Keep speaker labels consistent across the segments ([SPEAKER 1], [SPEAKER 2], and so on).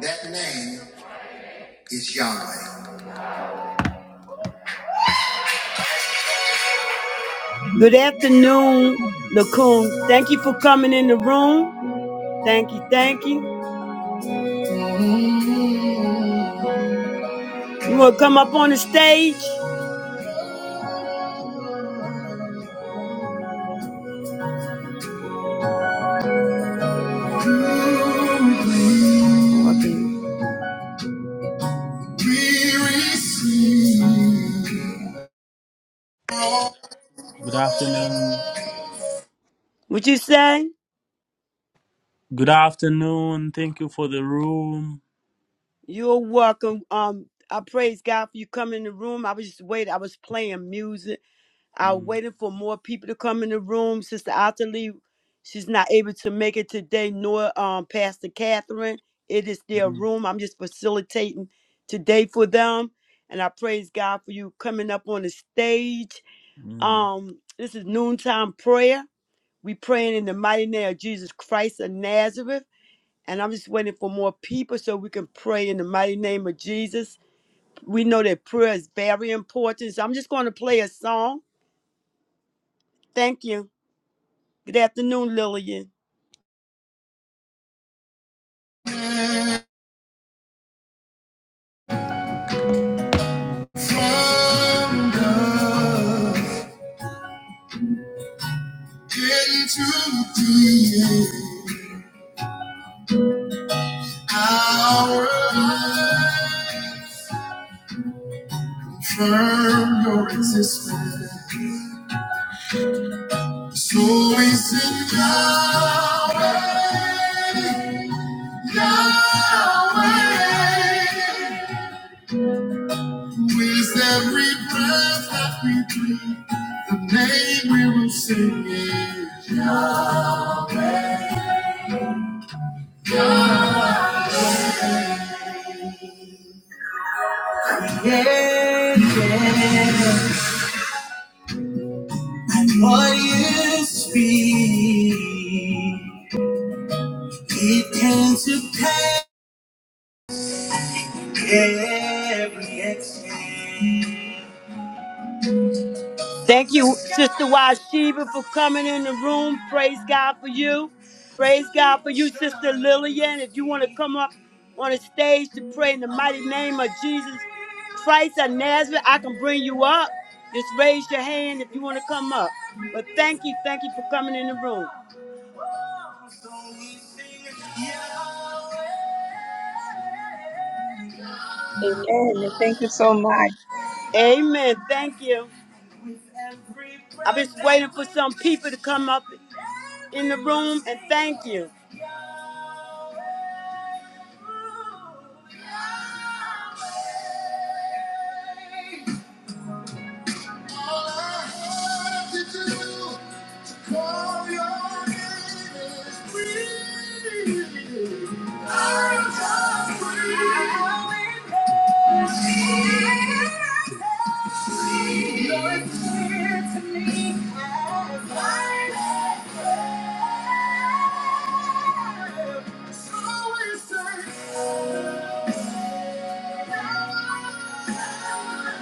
[SPEAKER 1] That name is Yahweh. Good afternoon, Lacoon. Thank you for coming in the room. Thank you, thank you. You want to come up on the stage? Okay.
[SPEAKER 2] Good afternoon.
[SPEAKER 1] What you say?
[SPEAKER 2] Good afternoon. Thank you for the room.
[SPEAKER 1] You're welcome. Um, I praise God for you coming in the room. I was just waiting. I was playing music. I'm
[SPEAKER 2] Mm,
[SPEAKER 1] waiting for more people to come in the room. Sister Otterly, she's not able to make it today, nor um Pastor Catherine. It is their
[SPEAKER 2] mm,
[SPEAKER 1] room. I'm just facilitating today for them. And I praise God for you coming up on the stage.
[SPEAKER 2] mm.
[SPEAKER 1] Um, this is noontime prayer. We praying in the mighty name of Jesus Christ of Nazareth. And I'm just waiting for more people so we can pray in the mighty name of Jesus. We know that prayer is very important. So I'm just going to play a song. Thank you. Good afternoon, Lillian. From love into being our life. Confirm your existence. So we sing Yahweh, Yahweh. With every breath that we breathe, the name we will sing is Yahweh. Yeah, yeah. And What you speak, it comes to pass every exhale. Thank you, Sister Washiba, for coming in the room. Praise God for you. Praise God for you, Sister Lillian. If you want to come up on the stage to pray in the mighty name of Jesus Christ of Nazareth, I can bring you up. Just raise your hand if you want to come up. But thank you, thank you for coming in the room.
[SPEAKER 3] Amen. Thank you so much.
[SPEAKER 1] Amen. Thank you. I've been waiting for some people to come up in the room and thank you. For your name is free. I am free. Lord, clear to me as light as day. So we say,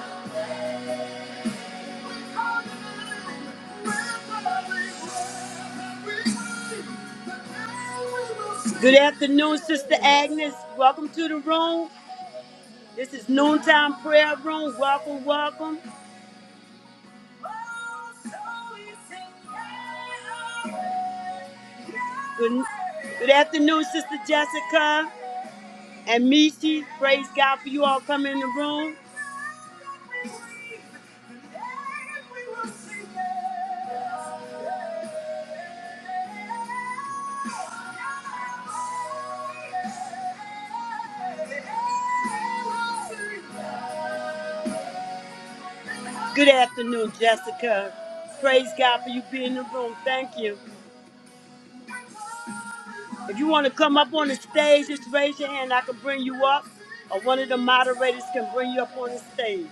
[SPEAKER 1] Good afternoon, Sister Agnes. Welcome to the room. This is Noontime Prayer Room. Welcome, welcome. Good, good afternoon, Sister Jessica and Michi. Praise God for you all coming in the room. Good afternoon, Jessica. Praise God for you being in the room. Thank you. If you want to come up on the stage, just raise your hand. I can bring you up, or one of the moderators can bring you up on the stage.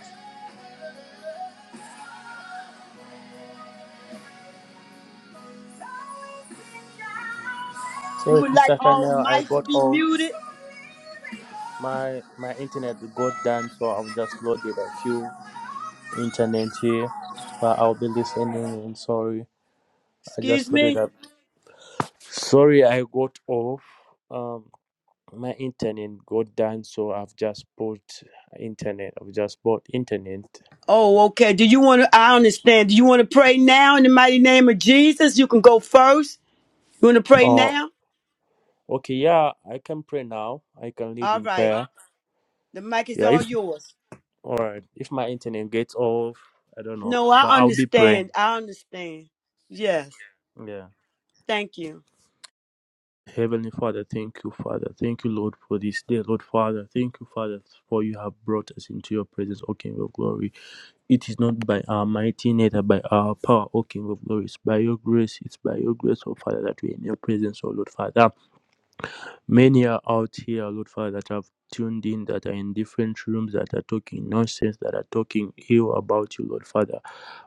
[SPEAKER 1] We
[SPEAKER 2] Sorry,
[SPEAKER 1] would like
[SPEAKER 2] Sister
[SPEAKER 1] all
[SPEAKER 2] Chanel, I
[SPEAKER 1] mics to
[SPEAKER 2] got
[SPEAKER 1] be
[SPEAKER 2] off.
[SPEAKER 1] muted.
[SPEAKER 2] My my internet got down, so I've just loaded a few internet here, but I'll be listening. And sorry, I
[SPEAKER 1] Excuse
[SPEAKER 2] just loaded
[SPEAKER 1] me.
[SPEAKER 2] up. Sorry, I got off. Um, my internet got down, so I've just bought internet. I've just bought internet.
[SPEAKER 1] Oh, okay. Do you want to? I understand. Do you want to pray now in the mighty name of Jesus? You can go first. You want to pray
[SPEAKER 2] Oh,
[SPEAKER 1] now?
[SPEAKER 2] okay. Yeah, I can pray now. I can lead
[SPEAKER 1] All
[SPEAKER 2] in
[SPEAKER 1] right.
[SPEAKER 2] prayer.
[SPEAKER 1] The mic is
[SPEAKER 2] Yeah,
[SPEAKER 1] all
[SPEAKER 2] if.
[SPEAKER 1] yours.
[SPEAKER 2] All right. If my internet gets off, I don't know,
[SPEAKER 1] No,
[SPEAKER 2] but
[SPEAKER 1] I
[SPEAKER 2] I'll be
[SPEAKER 1] understand.
[SPEAKER 2] praying.
[SPEAKER 1] I understand. Yes.
[SPEAKER 2] Yeah.
[SPEAKER 1] Thank you.
[SPEAKER 2] Heavenly Father, thank you, Father. Thank you, Lord, for this day, Lord Father. Thank you, Father, for you have brought us into your presence, O King of Glory. It is not by our mighty neither by our power, O King of Glory. It's by your grace. It's by your grace, O Father, that we are in your presence, O Lord Father. Many are out here, Lord Father, that have tuned in, that are in different rooms, that are talking nonsense, that are talking ill about you, Lord Father.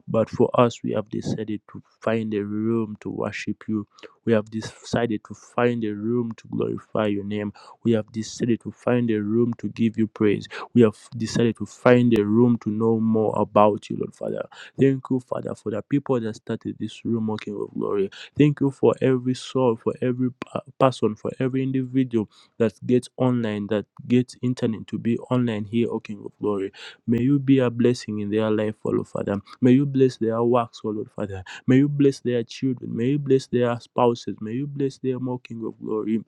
[SPEAKER 2] But for us, we have decided to find a room to worship you. We have decided to find a room to glorify your name. We have decided to find a room to give you praise. We have decided to find a room to know more about you, Lord Father. Thank you, Father, for the people that started this room, O King of Glory. Thank you for every soul, for every pa- person, for every individual that gets online, that gets internet to be online here, O King of Glory. May you be a blessing in their life, O Lord Father. May you bless their works, O Lord Father. May you bless their children. May you bless their spouses. May you bless their more of Glory.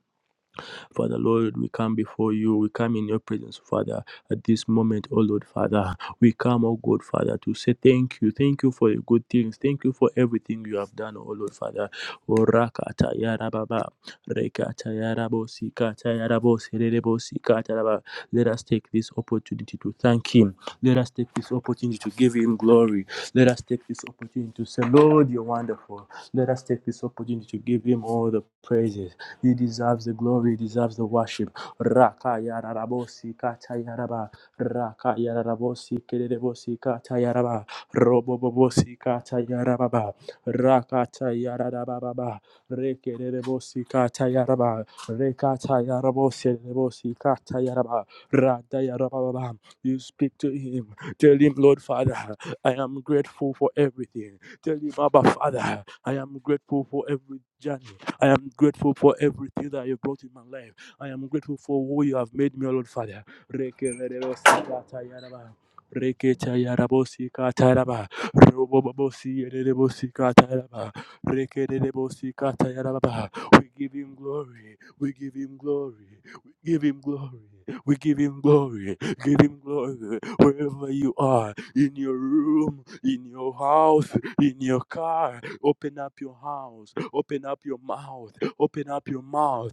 [SPEAKER 2] Father, Lord, we come before you. We come in your presence, Father, at this moment, oh Lord, Father. We come, oh God, Father, to say thank you. Thank you for the good things. Thank you for everything you have done, oh Lord, Father. Oh, Rakata Yarababa, Rekata Yarabo, Sikata Yarabo, Serebo, Sikata Yaraba. Let us take this opportunity to thank Him. Let us take this opportunity to give Him glory. Let us take this opportunity to say, Lord, you're wonderful. Let us take this opportunity to give Him all the praises. He deserves the glory, he deserves the worship. Raka yararabosi katayaraba. Raka yararabosi kererebosi katayaraba. Robobobosi katayarababa. Raka tayarababa. Rekererebosi katayaraba. Rekatayarabosi rebosi katayaraba. Radayarababa. You speak to him. Tell him, Lord Father, I am grateful for everything. Tell him, Abba Father, I am grateful for every journey. I am grateful for everything that you brought in my life. I am grateful for who you have made me, O Lord Father. Rekeverebesikatayaraba, reketayarabosikatayaraba, robobobosikatayaraba, rekererebosikataraba. We give him glory. We give him glory. We give him glory. We give him glory. Give him glory wherever you are in your room, in your house, in your car, Open up your house. Open up your mouth. Open up your mouth.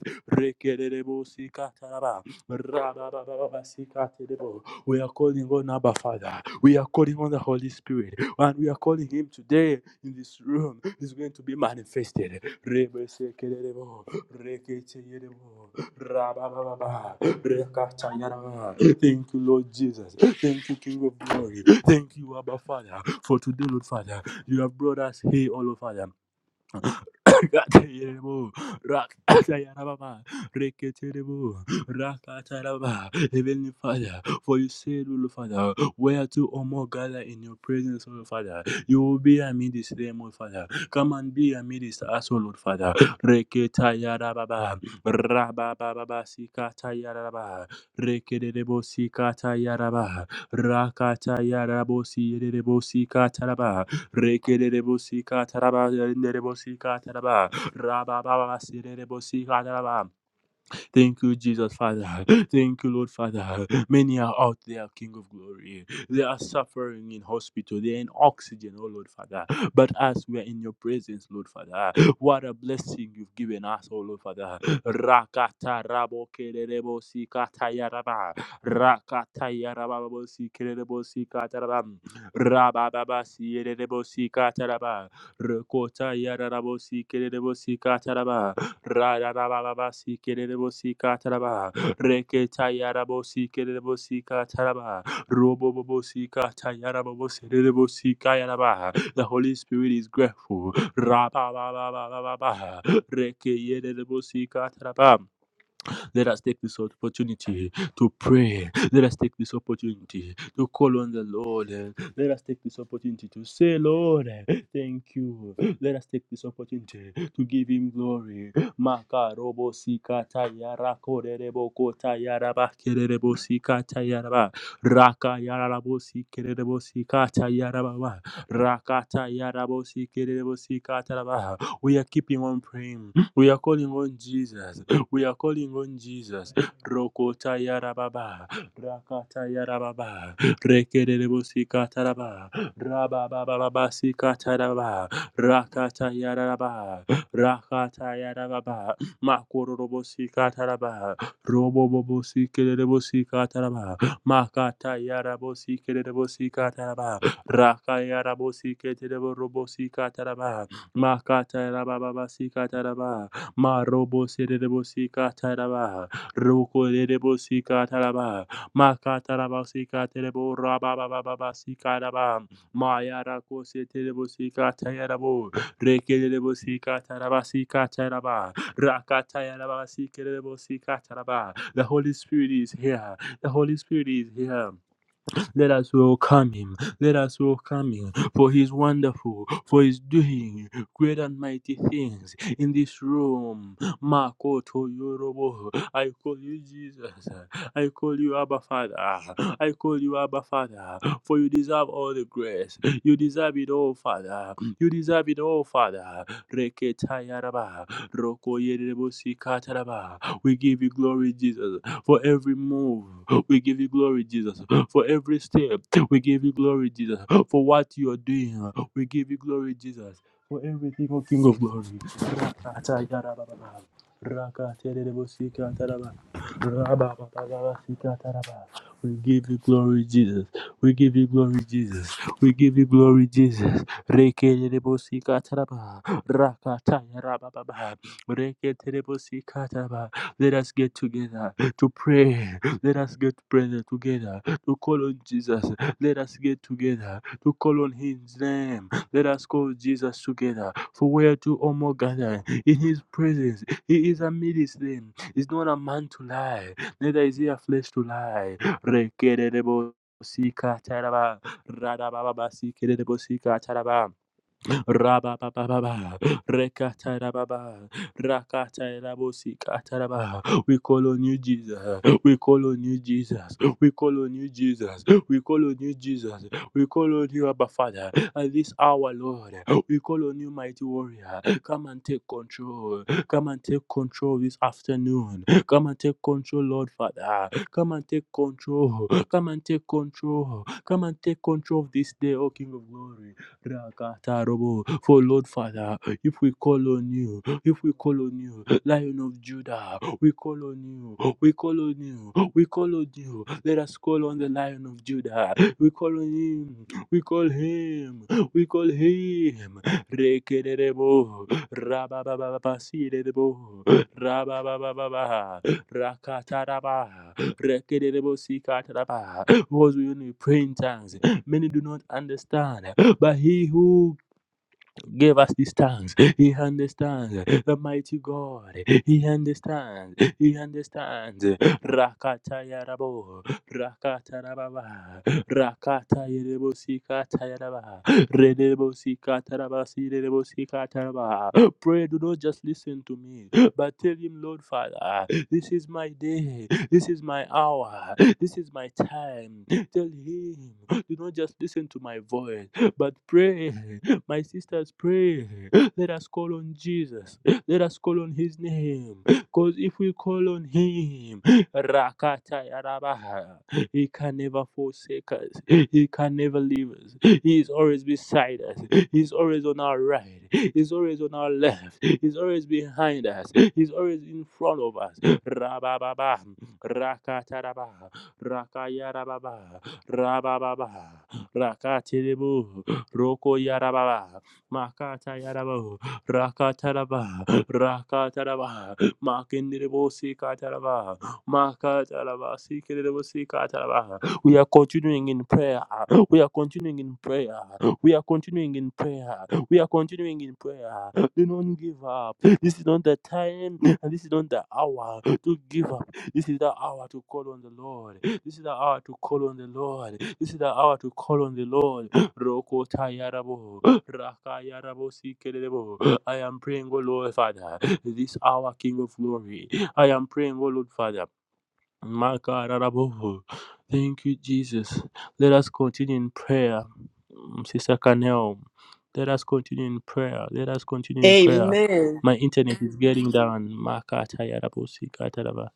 [SPEAKER 2] We are calling on Abba Father. We are calling on the Holy Spirit. And we are calling Him today in this room. He's going to be manifested. Thank you, Lord Jesus. Thank you, King of Glory. Thank you, Abba Father. For today, Lord Father, you have brought us here, all of us. Katerebo, Rakatayarababa, Reketerebo, Rakataraba, Heavenly Father, for you said, O Lord Father, where two or more gather in your presence, O Lord Father, you will be amidst them, O Father. Come and be amidst us, O Lord Father. Reketayarababa, Rabababa, Sikatayaraba, Rekerebo, Sikatayaraba, Rakatayarabo, Sierebo, Sikataraba, Rekerebosika taraba, nerebosika taraba, rababa, sirebosika taraba. Thank you, Jesus, Father. Thank you, Lord, Father. Many are out there, King of Glory. They are suffering in hospital. They are in oxygen, oh Lord, Father. But as we are in your presence, Lord, Father, what a blessing you've given us, oh Lord, Father. Rakata rabo kerebo sikata yaraba. Rakata yaraba bo sikerebo sikata rabam. Rababa sierebo sikata raba. Rekota yarabo sikerebo sikata raba. Radarabababosi kerebosi kataraba. Reketayarabosi kerebosi kataraba. Robobobosi katayarabosi kerebosi kayaraba. The Holy Spirit is grateful. Rababababababa. Rekeyerebosi kataraba. Let us take this opportunity to pray. Let us take this opportunity to call on the Lord. Let us take this opportunity to say, Lord, thank you. Let us take this opportunity to give Him glory. Makarobo sikata yarakorerebo kota yarabakererebo sikata yaraba. Raka yarabo sikererebo sikata yarababa. Rakata yarabo sikererebo sikata yaraba. We are keeping on praying. We are calling on Jesus. We are calling on Jesus. Rokota yarababa, rakata yarababa, rekerebosi kataraba, rababababasi kataraba, rakata yarababa, rakata yarababa, makororobosi kataraba, robobobosi kerebosi kataraba, makata yarabosi kerebosi kataraba, rakayarabosi keterebo robosi kataraba, makata yarabababasi kataraba, Marobo Serebosika Katarabaha, Roko Derebosi Katarabaha, Makatarabasi Katerebo Rababababasi Karabam, Mayarako Seterebosi Katayarabo, Rekelebosi Katarabasi Kataraba, Rakatayarabasi Kerebosi Kataraba. The Holy Spirit is here. The Holy Spirit is here. Let us welcome him. Let us welcome him. For he is wonderful. For he is doing great and mighty things in this room. Makoto Yorobo. I call you Jesus. I call you Abba Father. I call you Abba Father. For you deserve all the grace. You deserve it all, Father. You deserve it all, Father. Reketa Yaraba. Roko Yerebo Sikataraba. We give you glory, Jesus. For every move, we give you glory, Jesus. For every step, we give you glory, Jesus. For what you are doing, we give you glory, Jesus. For everything, O King of Glory. Rakata yarababa. Rakaterebosika taraba. Rabababababasikata taraba. We give you glory, Jesus. We give you glory, Jesus. We give you glory, Jesus. Rekerebosika taraba. Rakata yarababa. Reketerebosika taraba. Let us get together to pray. Let us get prayer together to call on Jesus. Let us get together to call on His name. Let us call Jesus together. For where two or more gather in His presence, He is amidst them. He's not a man to lie, neither is He a flesh to lie. Rekererebo sika taraba, radababa sikerebosika taraba. Rabababa, Rekatarababa, Rakatarabosi Kataraba. We call on you, Jesus. We call on you, Jesus. We call on you, Jesus. We call on you, Jesus. We call on you, Abba Father. At this hour, Lord, we call on you, mighty warrior. Come and take control. Come and take control this afternoon. Come and take control, Lord Father. Come and take control. Come and take control. Come and take control of this day, O King of Glory. Rakatarobo. For Lord Father, if we call on you, if we call on you, Lion of Judah, we call on you, we call on you, we call on you. Let us call on the Lion of Judah. We call on him, we call him, we call him. Rekerebo, rababababasirebo, rababababa, rakataraba, rekerebo sikataraba. Because we only pray in tongues, many do not understand bahihu Give us these tongues. He understands. The mighty God. He understands. He understands. Rakata yarabo. Rakata rababa. Rakata yerebo sikata yaraba. Redebo sikata raba. Pray, do not just listen to me, but tell him, Lord Father, this is my day. This is my hour. This is my time. Tell him, do not just listen to my voice, but pray. My sisters, pray. Let us call on Jesus. Let us call on his name. Because if we call on him, Rakata Yarabaha, he can never forsake us. He can never leave us. He is always beside us. He's always on our right. He's always on our left. He's always behind us. He's always in front of us. Rabababa, Rakataraba, Rakayarababa, Rabababa, Rakatiribu. Roko Yaraba, Makata Yarabo, Rakataraba, Rakataraba, Makindiribosi Kataraba, Makataraba, Sikiribosi Kataraba. We are continuing in prayer. We are continuing in prayer. We are continuing in prayer. We are continuing in prayer. Do not give up. This is not the time and this is not the hour to give up. This is the hour to call on the Lord. This is the hour to call on the Lord. This is the hour to call on the Lord. Rokota yarabo, raka I am praying, O Lord Father, this hour, King of Glory. I am praying, O Lord Father. Maka yarabo. Thank you, Jesus. Let us continue in prayer. Mm, Sister Canel, let us continue in prayer. Let us continue in prayer.
[SPEAKER 1] Amen.
[SPEAKER 2] My internet is getting down. Maka yarabo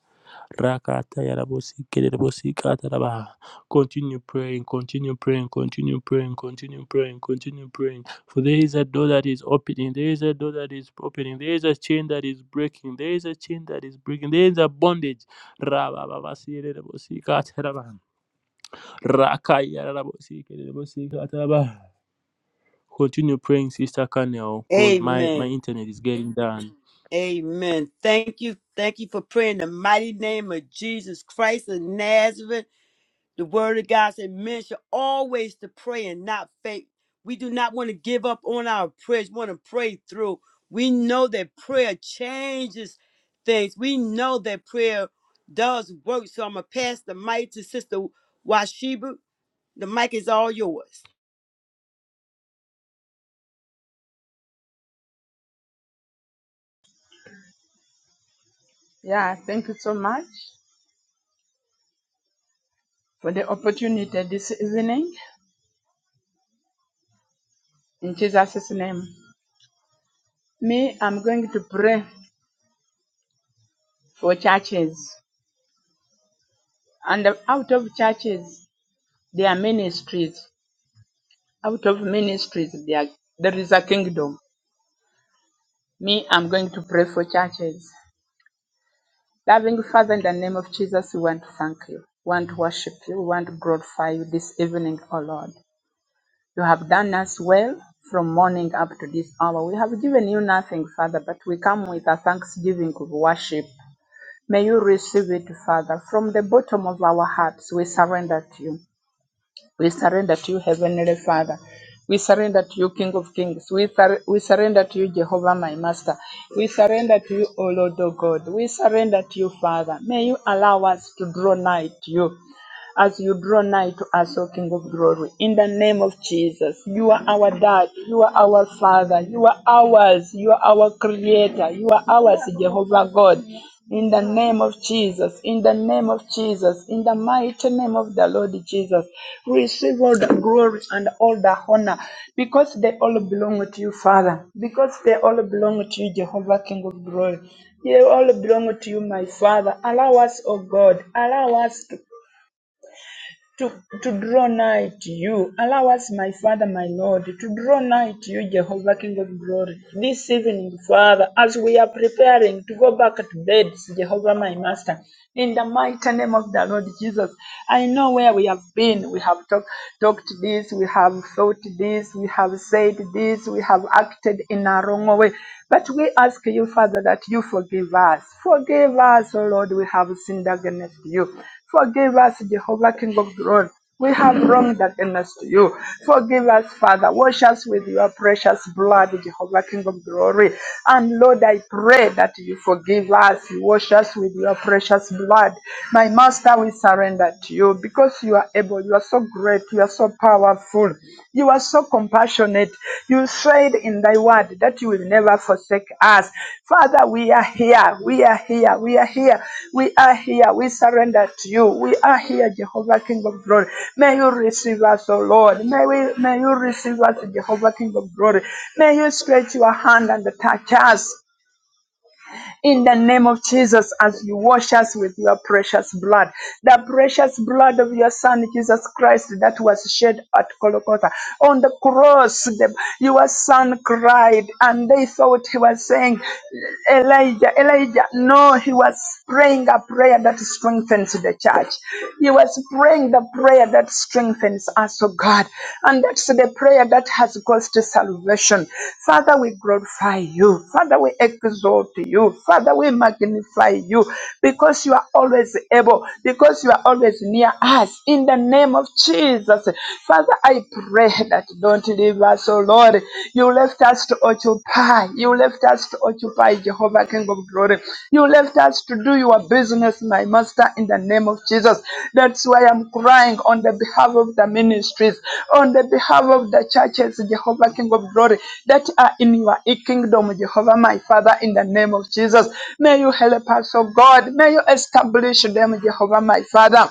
[SPEAKER 2] Rakata yarabosi, kerebosi, katarabaha. Continue praying, continue praying, continue praying, continue praying, continue praying. For there is a door that is opening, there is a door that is opening, there is a chain that is breaking, there is a chain that is breaking, there is a bondage. Rabababasi, kerebosi, katarabaha. Rakaya yarabosi, kerebosi, katarabaha. Continue praying, Sister Canel, because my, my
[SPEAKER 1] Amen.
[SPEAKER 2] internet is getting down.
[SPEAKER 1] Amen. Thank you. Thank you for praying in the mighty name of Jesus Christ of Nazareth. The word of God said men should always to pray and not faint. We do not want to give up on our prayers. We want to pray through. We know that prayer changes things. We know that prayer does work. So I'm gonna pass the mic to Sister Washibu. The mic is all yours.
[SPEAKER 3] Yeah, thank you so much for the opportunity this evening. In Jesus' name. Me, I'm going to pray for churches. And out of churches, there are ministries. Out of ministries, there, are- there is a kingdom. Me, I'm going to pray for churches. Loving Father, in the name of Jesus, we want to thank you. We want to worship you. We want to glorify you this evening, O Lord. You have done us well from morning up to this hour. We have given you nothing, Father, but we come with a thanksgiving of worship. May you receive it, Father. From the bottom of our hearts, we surrender to you. We surrender to you, Heavenly Father. We surrender to you, King of Kings. We, sur- we surrender to you, Jehovah, my Master. We surrender to you, O Lord, O God. We surrender to you, Father. May you allow us to draw nigh to you as you draw nigh to us, O King of glory. In the name of Jesus, you are our dad, you are our father, you are ours, you are our creator, you are ours, Jehovah God. In the name of Jesus, in the name of Jesus, in the mighty name of the Lord Jesus, receive all the glory and all the honor because they all belong to you, Father, because they all belong to you, Jehovah King of glory. They all belong to you, my Father. Allow us, O God, allow us to to, to draw nigh to you. Allow us, my Father, my Lord, to draw nigh to you, Jehovah, King of glory. This evening, Father, as we are preparing to go back to bed, Jehovah, my Master, in the mighty name of the Lord Jesus, I know where we have been. We have talk, talked this, we have thought this, we have said this, we have acted in a wrong way. But we ask you, Father, that you forgive us. Forgive us, O Lord, we have sinned against you. Forgive us, Jehovah, King of glory. We have wronged against you. Forgive us, Father. Wash us with your precious blood, Jehovah, King of glory. And Lord, I pray that you forgive us. You wash us with your precious blood. My Master, we surrender to you because you are able. You are so great. You are so powerful. You are so compassionate. You said in thy word that you will never forsake us. Father, we are here. We are here. We are here. We are here. We surrender to you. We are here, Jehovah King of Glory. May you receive us, O Lord. May we may you receive us, Jehovah King of Glory. May you stretch your hand and touch us in the name of Jesus as you wash us with your precious blood. The precious blood of your Son, Jesus Christ, that was shed at Golgotha. On the cross, the, your Son cried, and they thought he was saying, Elijah, Elijah, no, he was praying a prayer that strengthens the church. He was praying the prayer that strengthens us, oh God. And that's the prayer that has caused salvation. Father, we glorify you. Father, we exalt you. Father, we magnify you because you are always able, because you are always near us. In the name of Jesus, Father, I pray that don't deliver. So, Lord, you left us to occupy. You left us to occupy, Jehovah, King of glory. You left us to do your business, my master, in the name of Jesus. That's why I'm crying on the behalf of the ministries, on the behalf of the churches, Jehovah, King of glory, that are in your kingdom, Jehovah, my Father, in the name of Jesus. May you help us, oh God. May you establish them, Jehovah, my Father.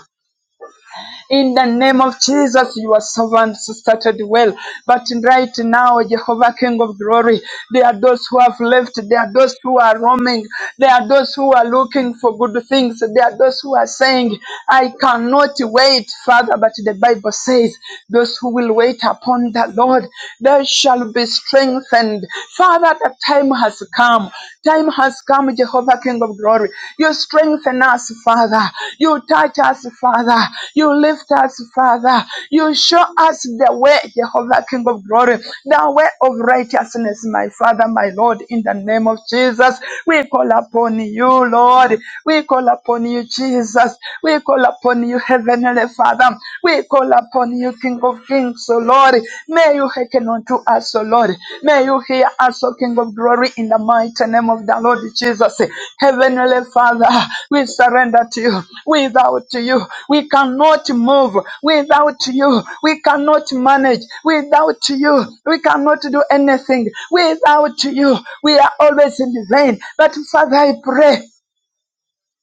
[SPEAKER 3] In the name of Jesus, your servants started well. But right now, Jehovah, King of glory, there are those who have left. There are those who are roaming. There are those who are looking for good things. There are those who are saying, I cannot wait, Father. But the Bible says, those who will wait upon the Lord, they shall be strengthened. Father, the time has come. Time has come, Jehovah, King of glory. You strengthen us, Father. You touch us, Father. You lift us, Father. You show us the way, Jehovah, King of glory, the way of righteousness, my Father, my Lord, in the name of Jesus. We call upon you, Lord. We call upon you, Jesus. We call upon you, Heavenly Father. We call upon you, King King of Kings, O Lord. May you hearken unto us, O Lord. May you hear us, O King of Glory, in the mighty name of the Lord Jesus. Heavenly Father, we surrender to you. Without you, we cannot move. Without you, we cannot manage. Without you, we cannot do anything. Without you, we are always in vain. But Father, I pray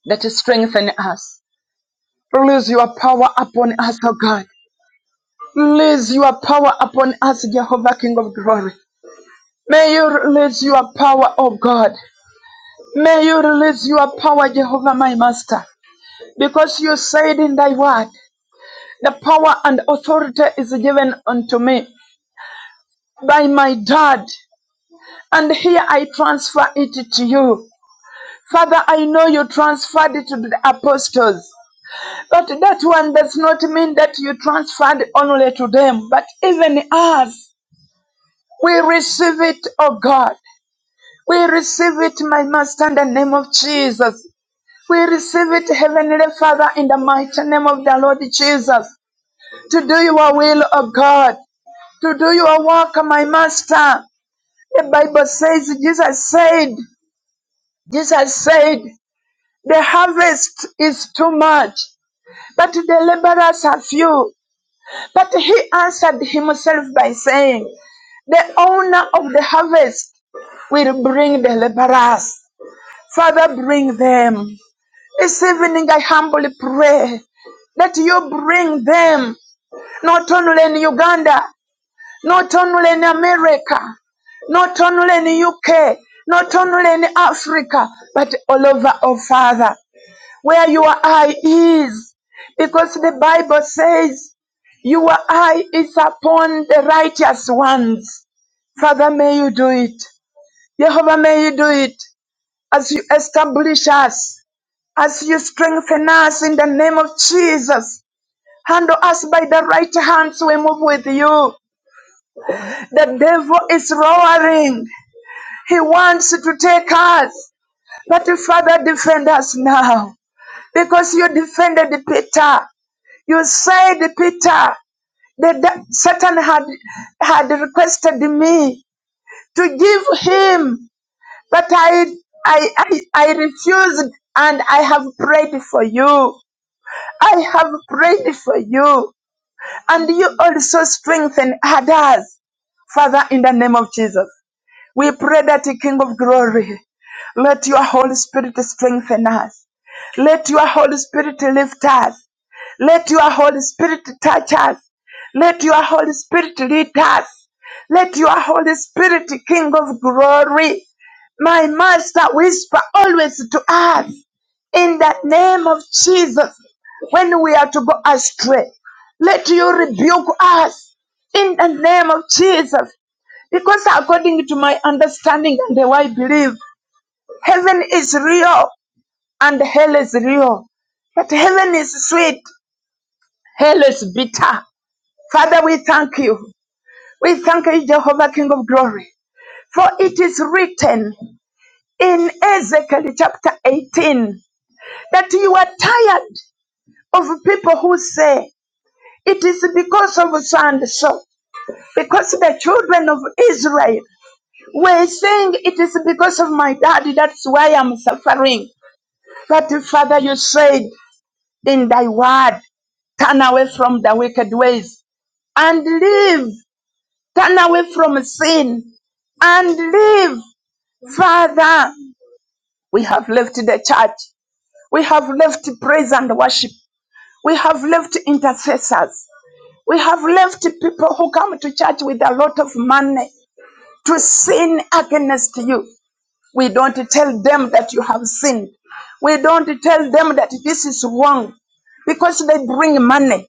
[SPEAKER 3] that you strengthen us. Release your power upon us, O God. Release your power upon us, Jehovah King of glory. May you release your power, oh God. May you release your power, Jehovah my master. Because you said in thy word, the power and authority is given unto me by my dad. And here I transfer it to you. Father, I know you transferred it to the apostles, but that one does not mean that you transferred only to them, but even us. We receive it, O God. We receive it, my master, in the name of Jesus. We receive it, Heavenly Father, in the mighty name of the Lord Jesus. To do your will, O God. To do your work, my master. The Bible says, Jesus said, Jesus said, the harvest is too much, but the laborers are few. But he answered himself by saying, the owner of the harvest will bring the laborers. Father, bring them. This evening, I humbly pray that you bring them not only in Uganda, not only in America, not only in UK, not only in Africa, but all over, oh Father, where your eye is. Because the Bible says, Your eye is upon the righteous ones. Father, may you do it. Jehovah, may you do it as you establish us as you strengthen us in the name of Jesus. Handle us by the right hands, we move with you. The devil is roaring. He wants to take us. But Father, defend us now. Because you defended Peter. You said, Peter, that the- Satan had, had requested me to give him. But I, I, I, I refused and I have prayed for you. I have prayed for you. and you also strengthen others. Father, in the name of Jesus, we pray that the King of glory, let your Holy Spirit strengthen us. Let your Holy Spirit lift us. Let your Holy Spirit touch us. Let your Holy Spirit lead us. Let your Holy Spirit, King of glory, my Master, whisper always to us in the name of Jesus when we are to go astray. Let you rebuke us in the name of Jesus. Because according to my understanding and how I believe, heaven is real and hell is real. But heaven is sweet, hell is bitter. Father, we thank you. We thank you, Jehovah, King of glory. For it is written in Ezekiel chapter 18 that you are tired of people who say, It is because of so and so because the children of Israel were saying it is because of my daddy, that's why I'm suffering. But Father, you said in thy word, turn away from the wicked ways and live, turn away from sin and live. Father, we have left the church, we have left praise and worship, we have left intercessors, we have left people who come to church with a lot of money to sin against you. We don't tell them that you have sinned. We don't tell them that this is wrong because they bring money.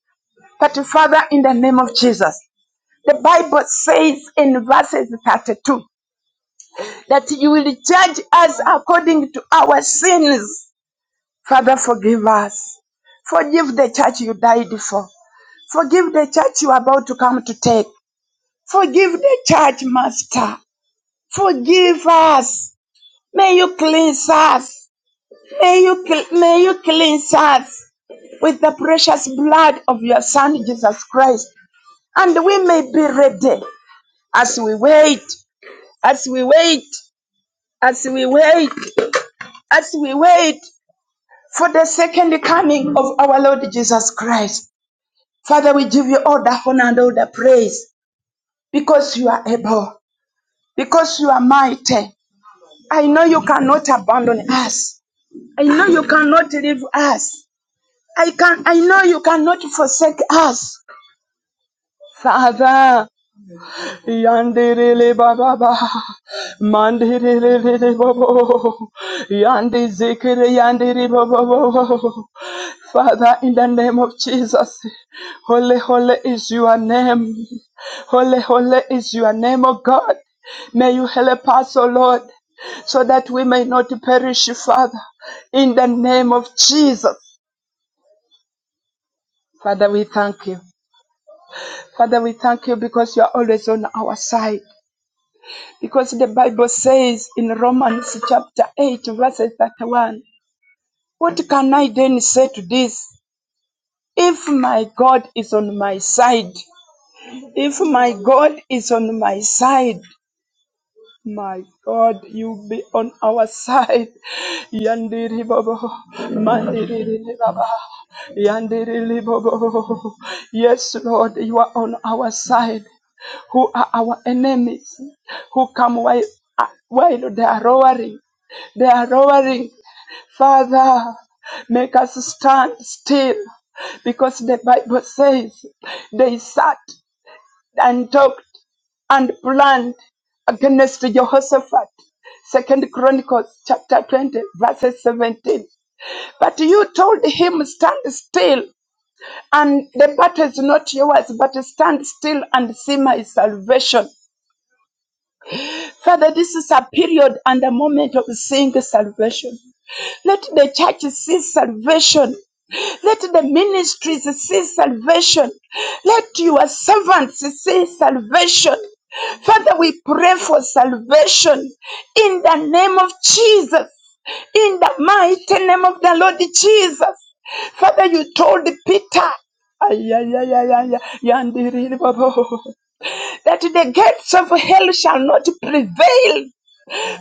[SPEAKER 3] But Father, in the name of Jesus, the Bible says in verses 32 that you will judge us according to our sins. Father, forgive us. Forgive the church you died for. Forgive the church you are about to come to take. Forgive the church, Master. Forgive us. May you cleanse us. May you, cl- may you cleanse us with the precious blood of your Son, Jesus Christ. And we may be ready as we wait, as we wait, as we wait, as we wait for the second coming of our Lord Jesus Christ. Father, we give you all the honor and all the praise because you are able, because you are mighty. I know you cannot abandon us. I know you cannot leave us. I can I know you cannot forsake us. Yanda baba mandiri riri bobo yandi zikiri yandiri bobo. Father, in the name of Jesus, holy holy is your name. Holy holy is your name, O God. May you help us, O Lord, so that we may not perish, Father. In the name of Jesus. Father, we thank you. Father, we thank you because you are always on our side. Because the Bible says in Romans chapter 8, verse 31, What can I then say to this? If my God is on my side, if my God is on my side, my God, you be on our side. Yandiri Bobo, Mandiri Baba, Yandiri Bobo. Yes, Lord, you are on our side. Who are our enemies? Who come while, while they are roaring? They are lowering. Father, make us stand still because the Bible says they sat and talked and planned against Jehoshaphat. Second Chronicles chapter 20, verses 17. But you told him, Stand still, and the battle is not yours, but stand still and see my salvation. Father, this is a period and a moment of seeing salvation. Let the churches see salvation. Let the ministries see salvation. Let your servants see salvation. Father, we pray for salvation in the name of Jesus, in the mighty name of the Lord Jesus. Father, you told Peter ay, ay, ay, ay, ay, ay, yandiri, babo, that the gates of hell shall not prevail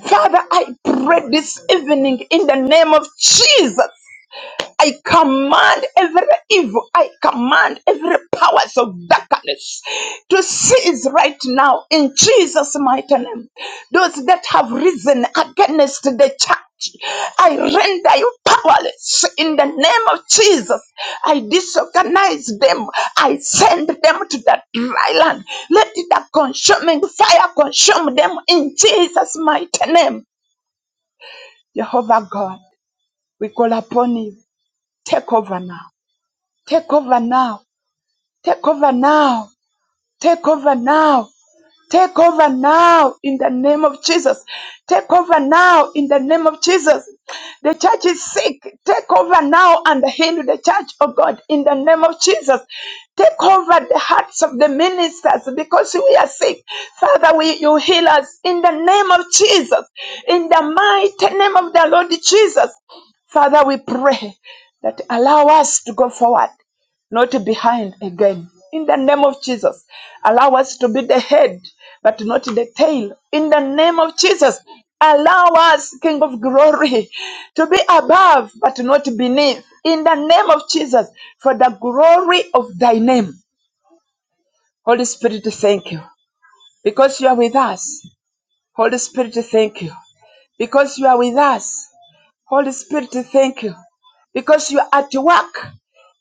[SPEAKER 3] Father, I pray this evening in the name of Jesus. I command every evil, I command every powers of darkness to cease right now in Jesus' mighty name. Those that have risen against the church, I render you powerless in the name of Jesus. I disorganize them. I send them to the dry land. Let the consuming fire consume them in Jesus' mighty name. Jehovah God, we call upon you. Take over now. Take over now. Take over now. Take over now. Take over now in the name of Jesus. Take over now in the name of Jesus. The church is sick. Take over now and heal the church, oh God, in the name of Jesus. Take over the hearts of the ministers because we are sick. Father, we, you heal us in the name of Jesus, in the mighty name of the Lord Jesus. Father, we pray that allow us to go forward not behind again. In the name of Jesus, allow us to be the head, but not the tail. In the name of Jesus, allow us, King of glory, to be above, but not beneath. In the name of Jesus, for the glory of thy name. Holy Spirit, thank you. Because you are with us. Holy Spirit, thank you. Because you are with us. Holy Spirit, thank you. Because you are at work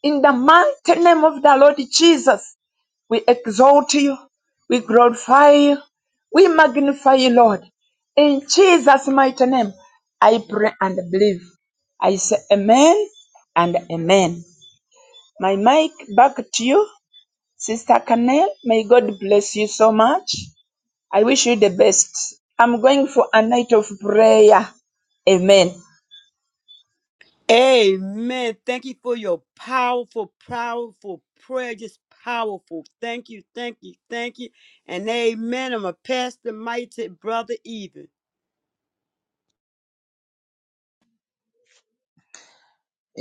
[SPEAKER 3] in the mighty name of the Lord Jesus. We exalt you. We glorify you. We magnify you, Lord. In Jesus' mighty name, I pray and believe. I say amen and amen. My mic back to you, Sister Canel. May God bless you so much. I wish you the best. I'm going for a night of prayer. Amen.
[SPEAKER 1] Amen. Thank you for your powerful, powerful prayer. Just powerful. Thank you, thank you, thank you. And amen. I'm gonna pass the mic to Brother Even.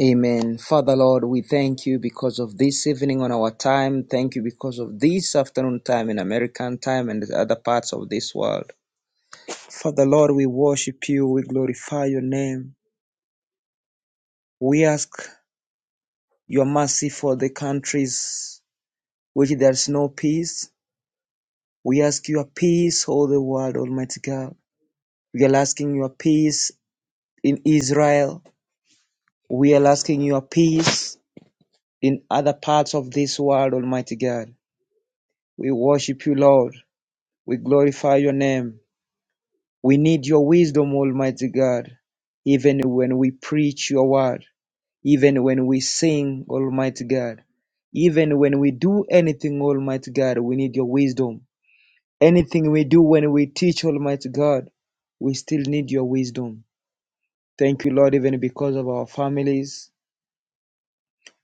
[SPEAKER 4] Amen. Father Lord, we thank you because of this evening on our time. Thank you because of this afternoon time in American time and the other parts of this world. Father Lord, we worship you. We glorify your name. We ask your mercy for the countries which there's no peace. We ask your peace, all the world, Almighty God. We are asking your peace in Israel. We are asking your peace in other parts of this world, Almighty God. We worship you, Lord. We glorify your name. We need your wisdom, Almighty God, even when we preach your word, even when we sing, Almighty God, even when we do anything, Almighty God, we need your wisdom. Anything we do when we teach, Almighty God, we still need your wisdom. Thank you, Lord, even because of our families.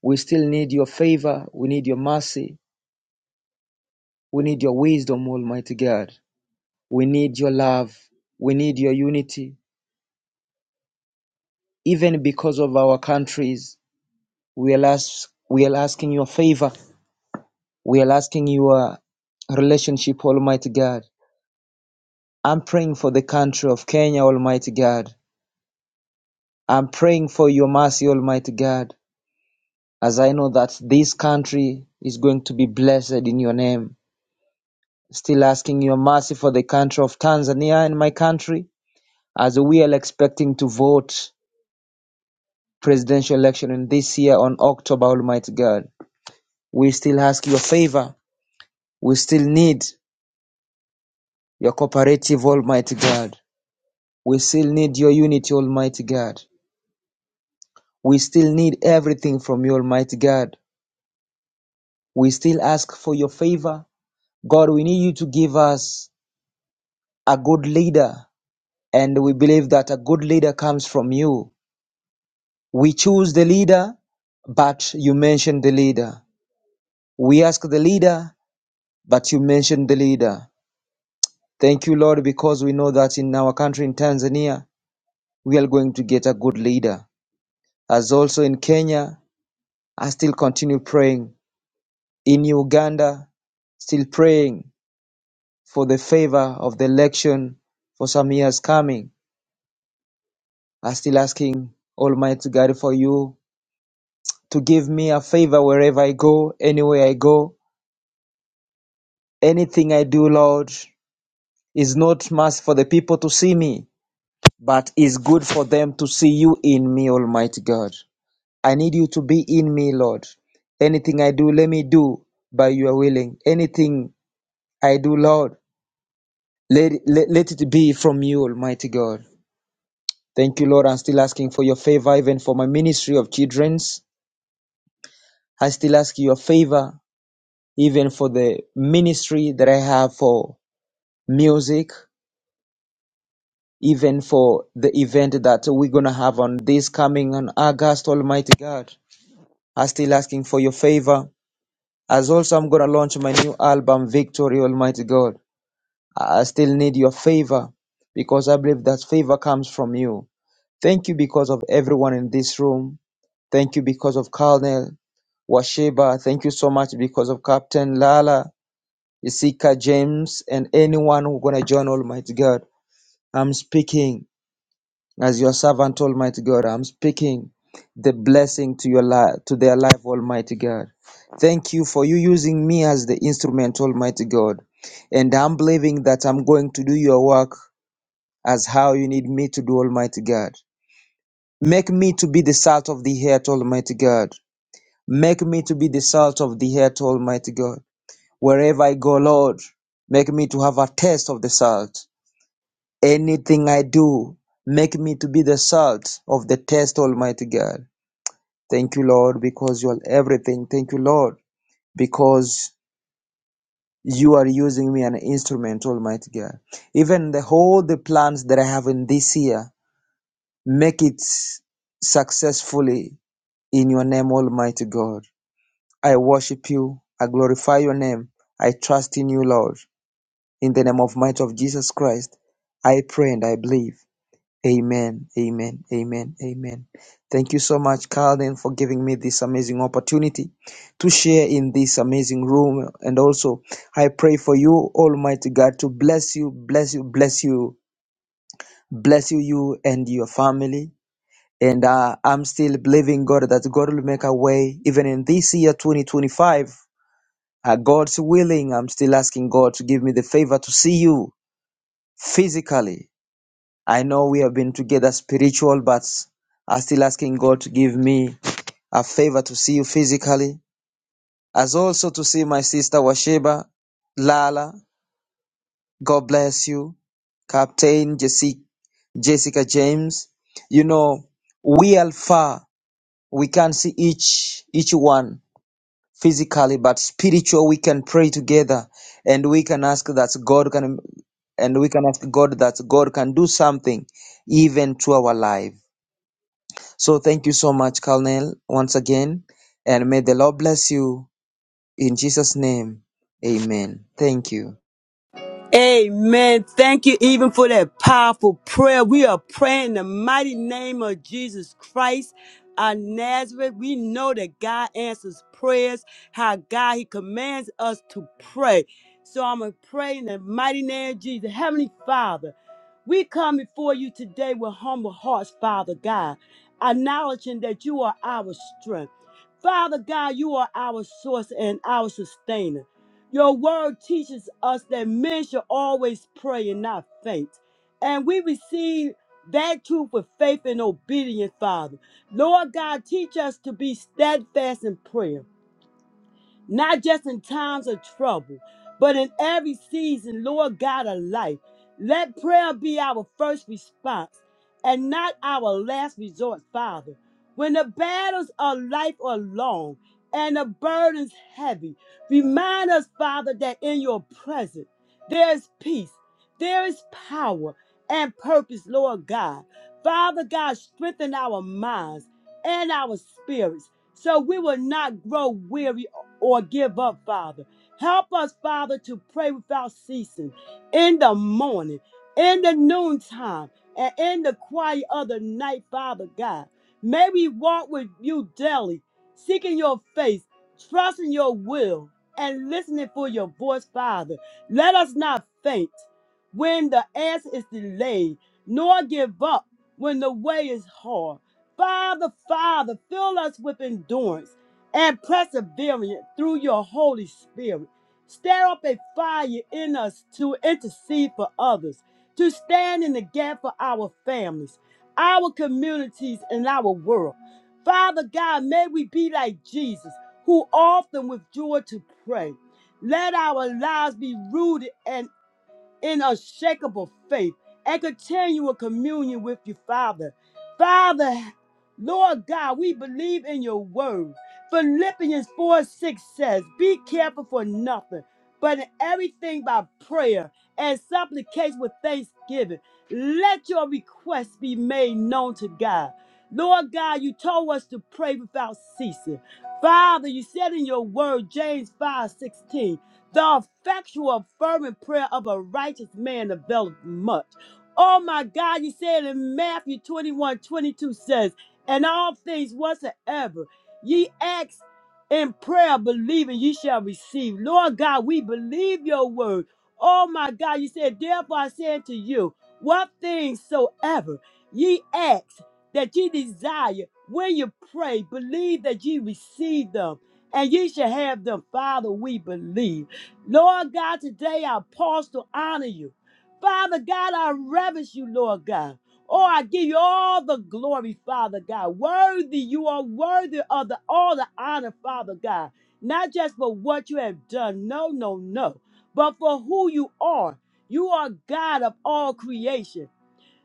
[SPEAKER 4] We still need your favor. We need your mercy. We need your wisdom, Almighty God. We need your love. We need your unity. even because of our countries. We are, ask, we are asking your favor. We are asking your relationship, Almighty God. I'm praying for the country of Kenya, Almighty God. I'm praying for your mercy, Almighty God, as I know that this country is going to be blessed in your name. Still asking your mercy for the country of Tanzania and my country, as we are expecting to vote presidential election in this year on October, Almighty God. We still ask your favor We still need your cooperative, Almighty God. We still need your unity, Almighty God. We still need everything from you, Almighty God. We still ask for your favor. God, we need you to give us a good leader. And we believe that a good leader comes from you. We choose the leader, but you mention the leader. We ask the leader, but you mention the leader. Thank you, Lord, because we know that in our country, in Tanzania, we are going to get a good leader. as also in Kenya, I still continue praying. In Uganda, still praying for the favor of the election for some years coming. I still asking Almighty God for you to give me a favor wherever I go, anywhere I go. Anything I do, Lord, is not must for the people to see me, but is good for them to see you in me, Almighty God. I need you to be in me, Lord. Anything I do, let me do by your willing. Anything I do, Lord. Let, let, let it be from you, Almighty God. Thank you, Lord. I'm still asking for your favor, even for my ministry of children's. I still ask your favor, even for the ministry that I have for music, even for the event that we're going to have on this coming on August, Almighty God. I'm still asking for your favor. As also, I'm going to launch my new album, Victory, Almighty God. I I still need your favor because I believe that favor comes from you. Thank you because of everyone in this room. Thank you because of Colonel Washeba. Thank you so much because of Captain Lala, Isika, James, and anyone who's going to join Almighty God. I'm speaking as your servant, Almighty God. I'm speaking the blessing to your life, to their life, Almighty God. Thank you for you using me as the instrument, Almighty God. And I'm believing that I'm going to do your work as how you need me to do, Almighty God. Make me to be the salt of the earth, Almighty God. Make me to be the salt of the earth, Almighty God. Wherever I go, Lord, make me to have a taste of the salt. Anything I do, make me to be the salt of the taste, Almighty God. Thank you, Lord, because you are everything. Thank you, Lord, because you are using me an instrument, Almighty God. Even the whole the plans that I have in this year, make it successfully in your name, Almighty God. I worship you. I glorify your name. I trust in you, Lord. In the name of might of Jesus Christ, I pray and I believe. Amen. Amen. Amen. Amen. Thank you so much, Carlden, for giving me this amazing opportunity to share in this amazing room. And also, I pray for you, Almighty God, to bless you, bless you, bless you, bless you, you and your family. And uh, I'm still believing God that God will make a way even in this year, 2025 uh, God's willing, I'm still asking God to give me the favor to see you physically. I know we have been together spiritual, but I'm still asking God to give me a favor to see you physically, as also to see my sister Washeba, Lala. God bless you, Captain Jesse, Jessica James. You know, we are far. We can see each each one physically but spiritual we can pray together and we can ask that god can and we can ask god that god can do something even to our life so thank you so much colonel once again and may the lord bless you in jesus name amen thank you
[SPEAKER 1] Amen. Thank you even for that powerful prayer. We are praying in the mighty name of Jesus Christ. Our Nazareth, we know that God answers prayers, how God He commands us to pray. So I'm gonna pray in the mighty name of Jesus. Heavenly Father, we come before you today with humble hearts, Father God, acknowledging that you are our strength. Father God, you are our source and our sustainer. Your word teaches us that men should always pray and not faint. And we receive that truth with faith and obedience, Father. Lord God, teach us to be steadfast in prayer not just in times of trouble, but in every season, Lord God of life. Let prayer be our first response and not our last resort, Father. When the battles of life are long and the burdens heavy, remind us, Father, that in your presence there is peace, there is power and purpose, Lord God. Father God, strengthen our minds and our spirits so we will not grow weary or give up, Father. Help us, Father, to pray without ceasing in the morning, in the noontime, and in the quiet of the night, Father God. May we walk with you daily, seeking your face, trusting your will, and listening for your voice, Father. Let us not faint when the answer is delayed, nor give up when the way is hard. Father, Father, fill us with endurance and perseverance through your Holy Spirit. Stir up a fire in us to intercede for others, to stand in the gap for our families, our communities, and our world. Father God, may we be like Jesus, who often withdrew to pray. Let our lives be rooted and in unshakable faith and continual communion with you, Father. Father, Lord God, we believe in your word. Philippians 4 6 says, Be careful for nothing, but in everything by prayer and supplication with thanksgiving. Let your requests be made known to God. Lord God, you told us to pray without ceasing. Father, you said in your word, James 5:16. The effectual, fervent prayer of a righteous man availeth much. Oh my God, you said in Matthew 21 22 says, And all things whatsoever ye ask in prayer, believing ye shall receive. Lord God, we believe your word. Oh my God, you said, Therefore I say unto you, What things soever ye ask that ye desire, when you pray, believe that ye receive them, and ye shall have them. Father, we believe. Lord God, today I pause to honor you. Father God, I reverence you, Lord God. Oh, I give you all the glory, Father God. Worthy, you are worthy of the, all the honor, Father God. Not just for what you have done, no, no, no, but for who you are. You are God of all creation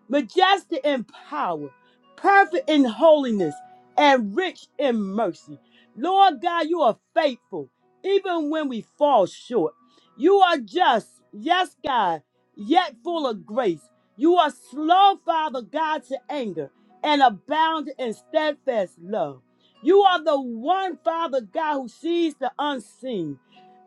[SPEAKER 1] majestic in power, perfect in holiness, and rich in mercy. Lord God, you are faithful, even when we fall short. You are just, yes, God, yet full of grace. You are slow, Father God, to anger and abound in steadfast love. You are the one, Father God, who sees the unseen.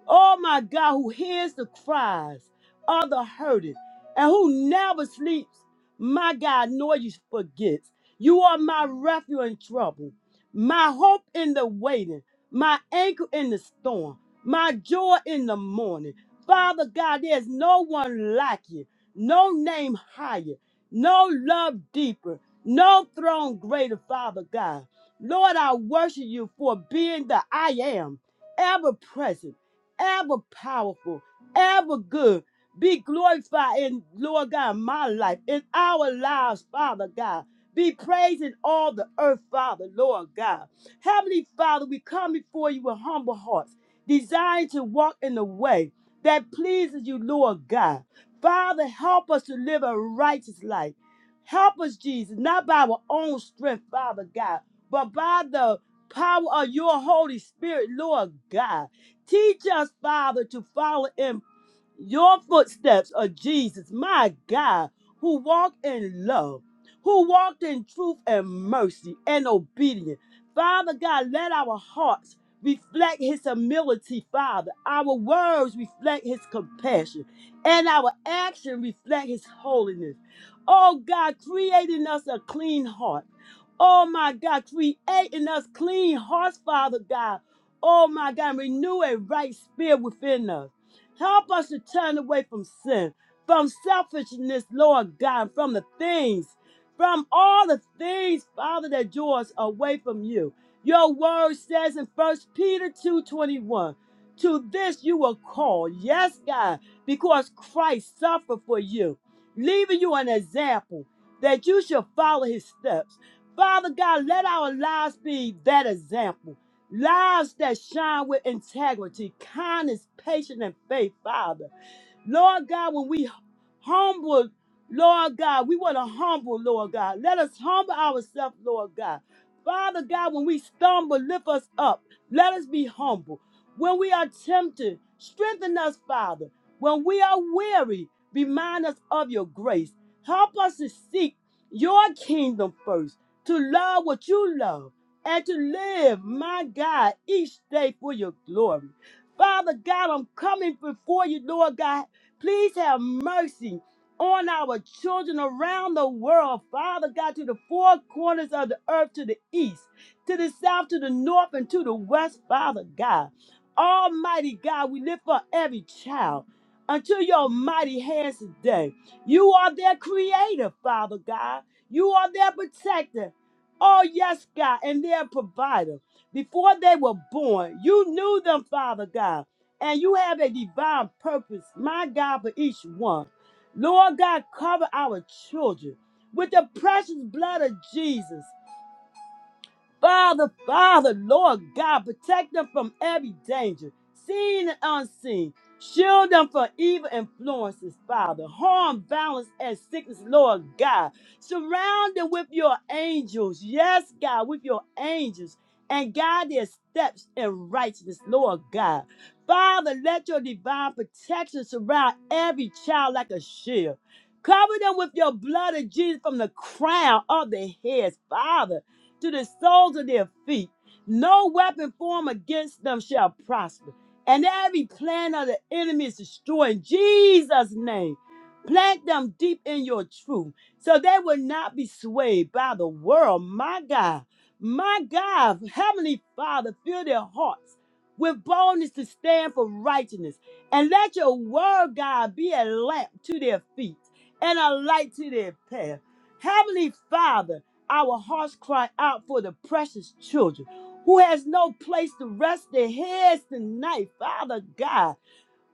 [SPEAKER 1] Oh my God, who hears the cries of the hurting and who never sleeps. My God, nor you forgets. You are my refuge in trouble, my hope in the waiting, my anchor in the storm, my joy in the morning. Father God, there's no one like you, no name higher, no love deeper, no throne greater, Father God. Lord, I worship you for being the I am, ever present ever powerful, ever good. Be glorified in Lord God, my life, in our lives, Father God. Be praised in all the earth, Father, Lord God. Heavenly Father, we come before you with humble hearts, desiring to walk in the way that pleases you, Lord God. Father, help us to live a righteous life. Help us, Jesus, not by our own strength, Father God, but by the power of your Holy Spirit, Lord God. Teach us, Father, to follow in your footsteps of Jesus, my God, who walked in love, who walked in truth and mercy and obedience. Father God, let our hearts reflect his humility, Father. Our words reflect his compassion, and our action reflect his holiness. Oh God, creating us a clean heart. Oh my God, create in us clean hearts, Father God Oh my God, renew a right spirit within us. Help us to turn away from sin, from selfishness, Lord God, from the things, from all the things, Father, that draw us away from you. Your word says in First Peter 2:21, to this you were called, yes, God, because Christ suffered for you, leaving you an example that you should follow his steps. Father God, let our lives be that example Lives that shine with integrity, kindness, patience, and faith, Father. Lord God, when we humble, Lord God, we want to humble, Lord God. Let us humble ourselves, Lord God. Father God, when we stumble, lift us up. Let us be humble. When we are tempted, strengthen us, Father. When we are weary, remind us of your grace. Help us to seek your kingdom first, to love what you love and to live, my God, each day for your glory. Father God, I'm coming before you, Lord God. Please have mercy on our children around the world, Father God, to the four corners of the earth, to the east, to the south, to the north, and to the west, Father God. Almighty God, we lift up every child unto your mighty hands today. You are their creator, Father God. You are their protector. Oh, yes, God, and their provider. Before they were born, you knew them, Father God, and you have a divine purpose, my God, for each one. Lord God, cover our children with the precious blood of Jesus. Father, Father, Lord God, protect them from every danger, seen and unseen. Shield them from evil influences, Father. Harm, violence, and sickness, Lord God. Surround them with your angels. Yes, God, with your angels. And guide their steps in righteousness, Lord God. Father, let your divine protection surround every child like a shield. Cover them with your blood of Jesus from the crown of their heads, Father to the soles of their feet. No weapon formed against them shall prosper. And every plan of the enemy is destroyed in Jesus' name. Plant them deep in your truth so they will not be swayed by the world. My God, my God, Heavenly Father, fill their hearts with boldness to stand for righteousness. And let your word, God, be a lamp to their feet and a light to their path. Heavenly Father, our hearts cry out for the precious children who has no place to rest their heads tonight, Father God.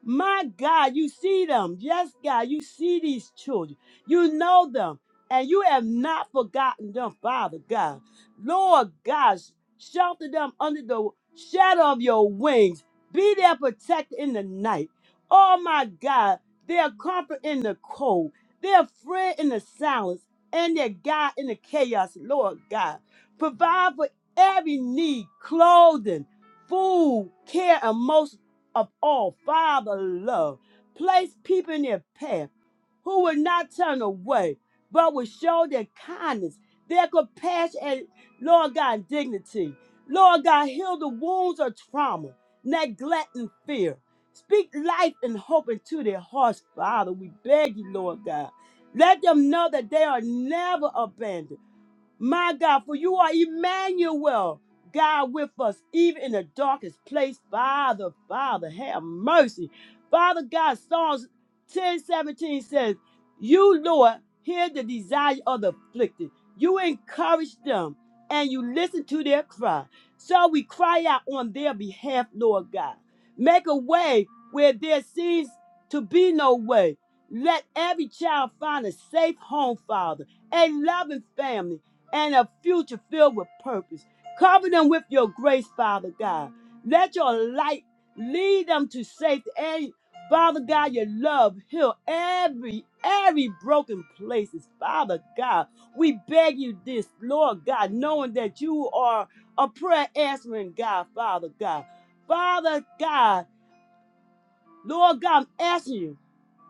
[SPEAKER 1] My God, you see them. Yes, God, you see these children. You know them. And you have not forgotten them, Father God. Lord God, shelter them under the shadow of your wings. Be their protector in the night. Oh my God, their comfort in the cold, their friend in the silence, and their God in the chaos, Lord God. Provide for every need, clothing, food, care, and most of all Father love. Place people in their path who will not turn away, but will show their kindness, their compassion, and Lord God, dignity. Lord God, heal the wounds of trauma, neglect, and fear. Speak life and hope into their hearts, Father. We beg you, Lord God. Let them know that they are never abandoned my God, for you are Emmanuel, God with us, even in the darkest place. Father, Father, have mercy. Father God, Psalms 10:17 says, You, Lord, hear the desire of the afflicted. You encourage them and you listen to their cry. So we cry out on their behalf, Lord God. Make a way where there seems to be no way. Let every child find a safe home, Father, a loving family and a future filled with purpose. Cover them with your grace, Father God. Let your light lead them to safety. And Father God, your love heal every every broken places. Father God, we beg you this, Lord God, knowing that you are a prayer answering God, Father God. Father God. Lord God, I'm asking you,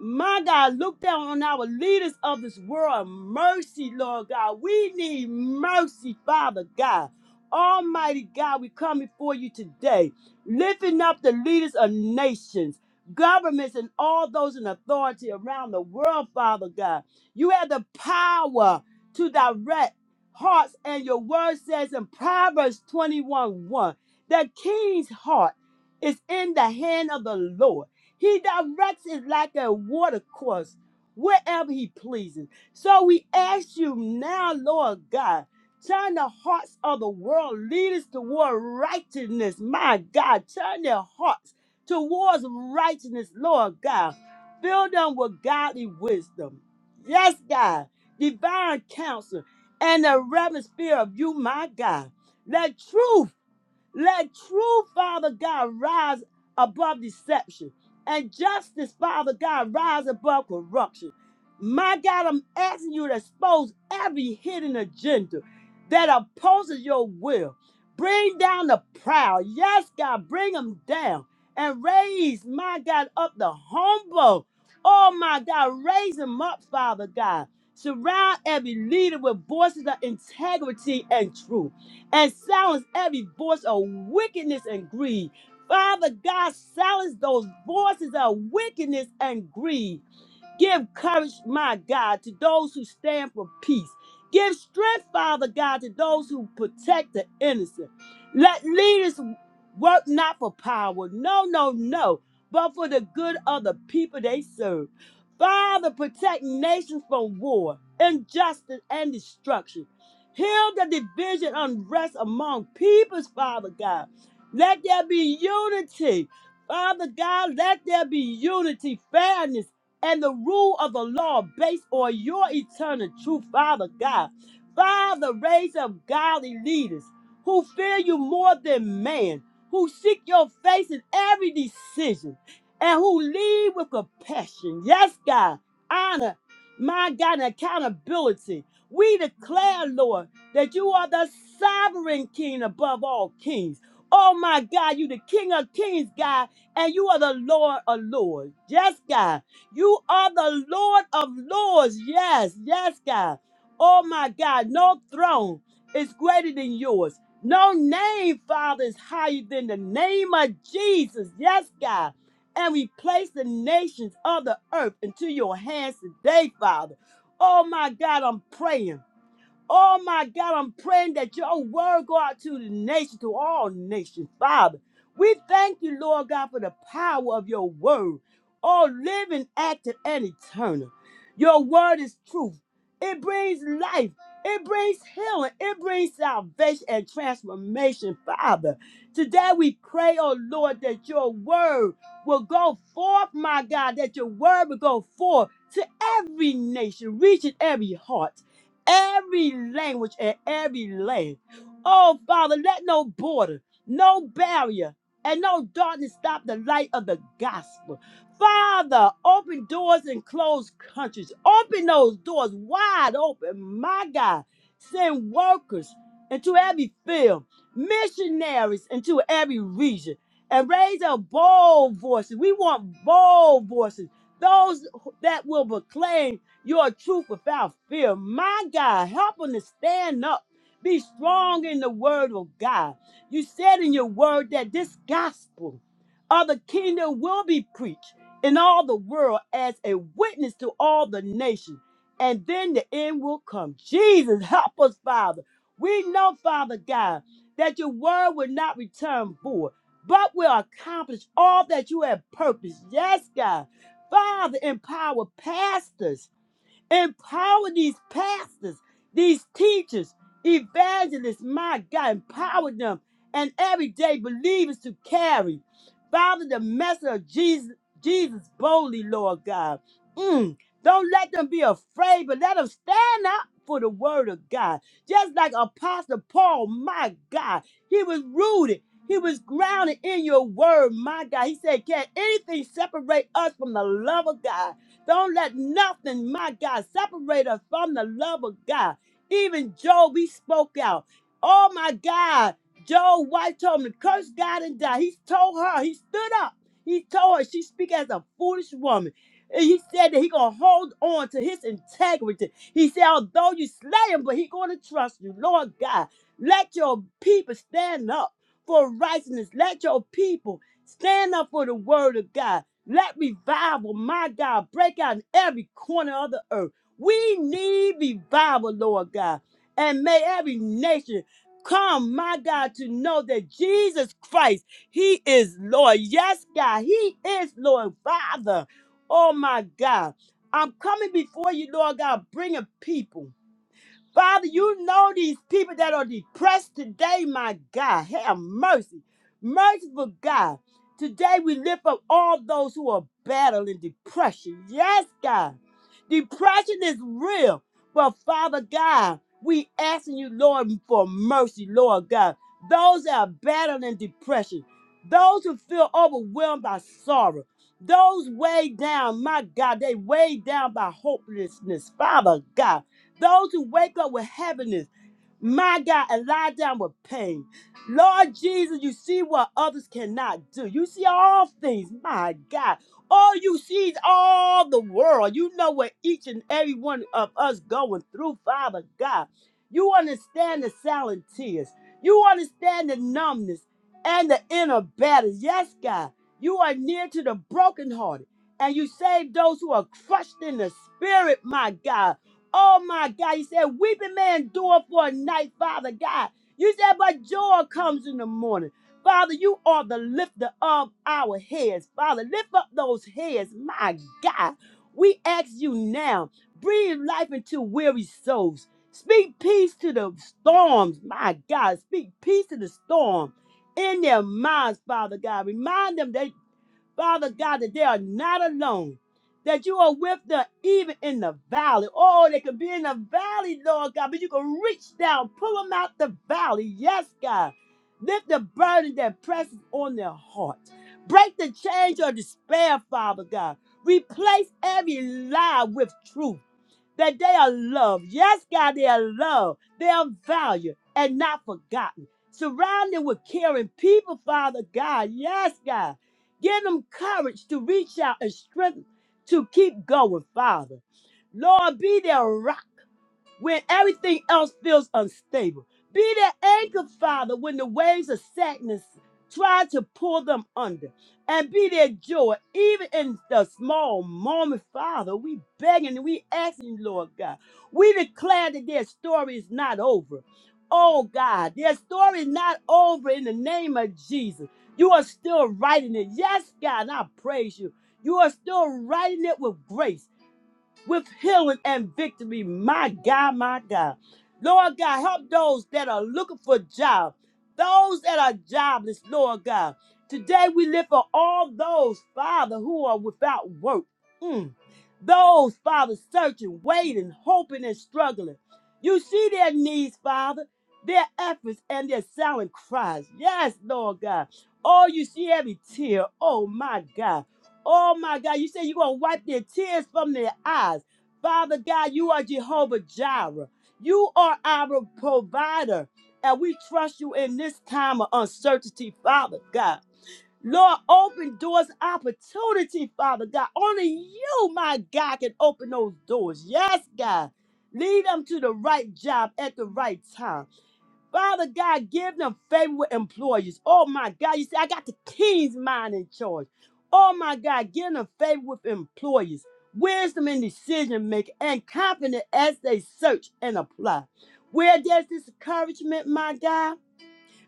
[SPEAKER 1] my God, look down on our leaders of this world. Mercy, Lord God. We need mercy, Father God. Almighty God, we come before you today, lifting up the leaders of nations, governments, and all those in authority around the world, Father God. You have the power to direct hearts, and your word says in Proverbs 21 1 that king's heart is in the hand of the Lord he directs it like a water course wherever he pleases. So we ask you now, Lord God, turn the hearts of the world leaders toward righteousness. My God, turn their hearts towards righteousness, Lord God. Fill them with godly wisdom. Yes, God, divine counsel and the reverent fear of you, my God. Let truth let true, Father God, rise above deception and justice, Father God, rise above corruption. My God, I'm asking you to expose every hidden agenda that opposes your will. Bring down the proud. Yes, God, bring them down and raise, my God, up the humble. Oh, my God, raise them up, Father God. Surround every leader with voices of integrity and truth and silence every voice of wickedness and greed. Father God, silence those voices of wickedness and greed Give courage, my God, to those who stand for peace. Give strength, Father God, to those who protect the innocent. Let leaders work not for power, no, no, no, but for the good of the people they serve. Father, protect nations from war, injustice, and destruction. Heal the division, unrest among peoples, Father God. Let there be unity. Father God, let there be unity, fairness and the rule of the law based on your eternal truth, Father God. Father, raise up godly leaders who fear you more than man, who seek your face in every decision, and who lead with compassion. Yes, God, honor, my God, and accountability. We declare, Lord, that you are the sovereign king above all kings. Oh my God, you the King of Kings, God, and you are the Lord of Lords. Yes, God. You are the Lord of Lords. Yes, yes, God. Oh my God, no throne is greater than yours. No name, Father, is higher than the name of Jesus. Yes, God. And we place the nations of the earth into your hands today, Father. Oh my God, I'm praying. Oh my God, I'm praying that your word go out to the nation, to all nations, Father. We thank you, Lord God, for the power of your word. Oh, living, active, and eternal. Your word is truth. It brings life. It brings healing. It brings salvation and transformation, Father. Today we pray, oh Lord, that your word will go forth, my God, that your word will go forth to every nation, reaching every heart every language and every land. Oh, Father, let no border, no barrier, and no darkness stop the light of the gospel. Father, open doors and close countries. Open those doors wide open. My God, send workers into every field, missionaries into every region, and raise up bold voices. We want bold voices, those that will proclaim your truth without fear. My God, help them to stand up. Be strong in the word of God. You said in your word that this gospel of the kingdom will be preached in all the world as a witness to all the nations, and then the end will come. Jesus, help us, Father. We know, Father God, that your word will not return void, but will accomplish all that you have purposed. Yes, God. Father, empower pastors Empower these pastors, these teachers, evangelists, my God, empower them and everyday believers to carry, Father, the message of Jesus, Jesus boldly, Lord God. Mm. Don't let them be afraid, but let them stand up for the word of God. Just like Apostle Paul, my God, he was rooted. He was grounded in your word, my God. He said, Can anything separate us from the love of God? Don't let nothing, my God, separate us from the love of God. Even Job, he spoke out. Oh my God, Job White told him to curse God and die. He told her, he stood up. He told her she speak as a foolish woman. And he said that he gonna hold on to his integrity. He said, although you slay him, but he gonna trust you. Lord God, let your people stand up for righteousness. Let your people stand up for the word of God. Let revival, my God, break out in every corner of the earth. We need revival, Lord God. And may every nation come, my God, to know that Jesus Christ, He is Lord. Yes, God, He is Lord. Father, oh my God, I'm coming before you, Lord God, bringing people. Father, you know these people that are depressed today, my God. Have mercy. Merciful God. Today we lift up all those who are battling depression. Yes, God. Depression is real. But Father God, we asking you, Lord, for mercy, Lord God. Those that are battling depression, those who feel overwhelmed by sorrow, those weighed down, my God, they weighed down by hopelessness, Father God. Those who wake up with heaviness, my God, and lie down with pain. Lord Jesus, you see what others cannot do. You see all things, my God. All you see is all the world. You know what each and every one of us going through, Father God. You understand the silent tears. You understand the numbness and the inner battles. Yes, God. You are near to the brokenhearted, and you save those who are crushed in the spirit, my God. Oh my God. You said, Weeping may endure for a night, Father God. You said, But joy comes in the morning. Father, you are the lifter of our heads. Father, lift up those heads. My God. We ask you now, breathe life into weary souls. Speak peace to the storms. My God. Speak peace to the storm in their minds, Father God. Remind them that. Father God, that they are not alone, that you are with them even in the valley. Oh, they could be in the valley, Lord God, but you can reach down, pull them out the valley. Yes, God. Lift the burden that presses on their heart. Break the chains of despair, Father God. Replace every lie with truth that they are loved. Yes, God, they are loved. They are valued and not forgotten. Surround them with caring people, Father God. Yes, God. Give them courage to reach out and strength to keep going, Father. Lord, be their rock when everything else feels unstable. Be their anchor, Father, when the waves of sadness try to pull them under. And be their joy, even in the small moment, Father. We begging and we asking, Lord God. We declare that their story is not over. Oh God, their story is not over in the name of Jesus. You are still writing it. Yes, God, I praise you. You are still writing it with grace with healing and victory. My God, my God. Lord God, help those that are looking for a job, those that are jobless, Lord God. Today we lift for all those, Father, who are without work. Mm. Those, Father, searching, waiting, hoping, and struggling. You see their needs, Father, their efforts, and their silent cries. Yes, Lord God. Oh, you see every tear. Oh, my God. Oh my God, you say you're going to wipe their tears from their eyes. Father God, you are Jehovah Jireh. You are our provider. And we trust you in this time of uncertainty, Father God. Lord, open doors, opportunity, Father God. Only you, my God, can open those doors. Yes, God. Lead them to the right job at the right time Father God, give them favor with employers. Oh my God, you say I got the king's mind in charge. Oh my God, give them favor with employers, wisdom in decision making, and confidence as they search and apply. Where there's discouragement, my God.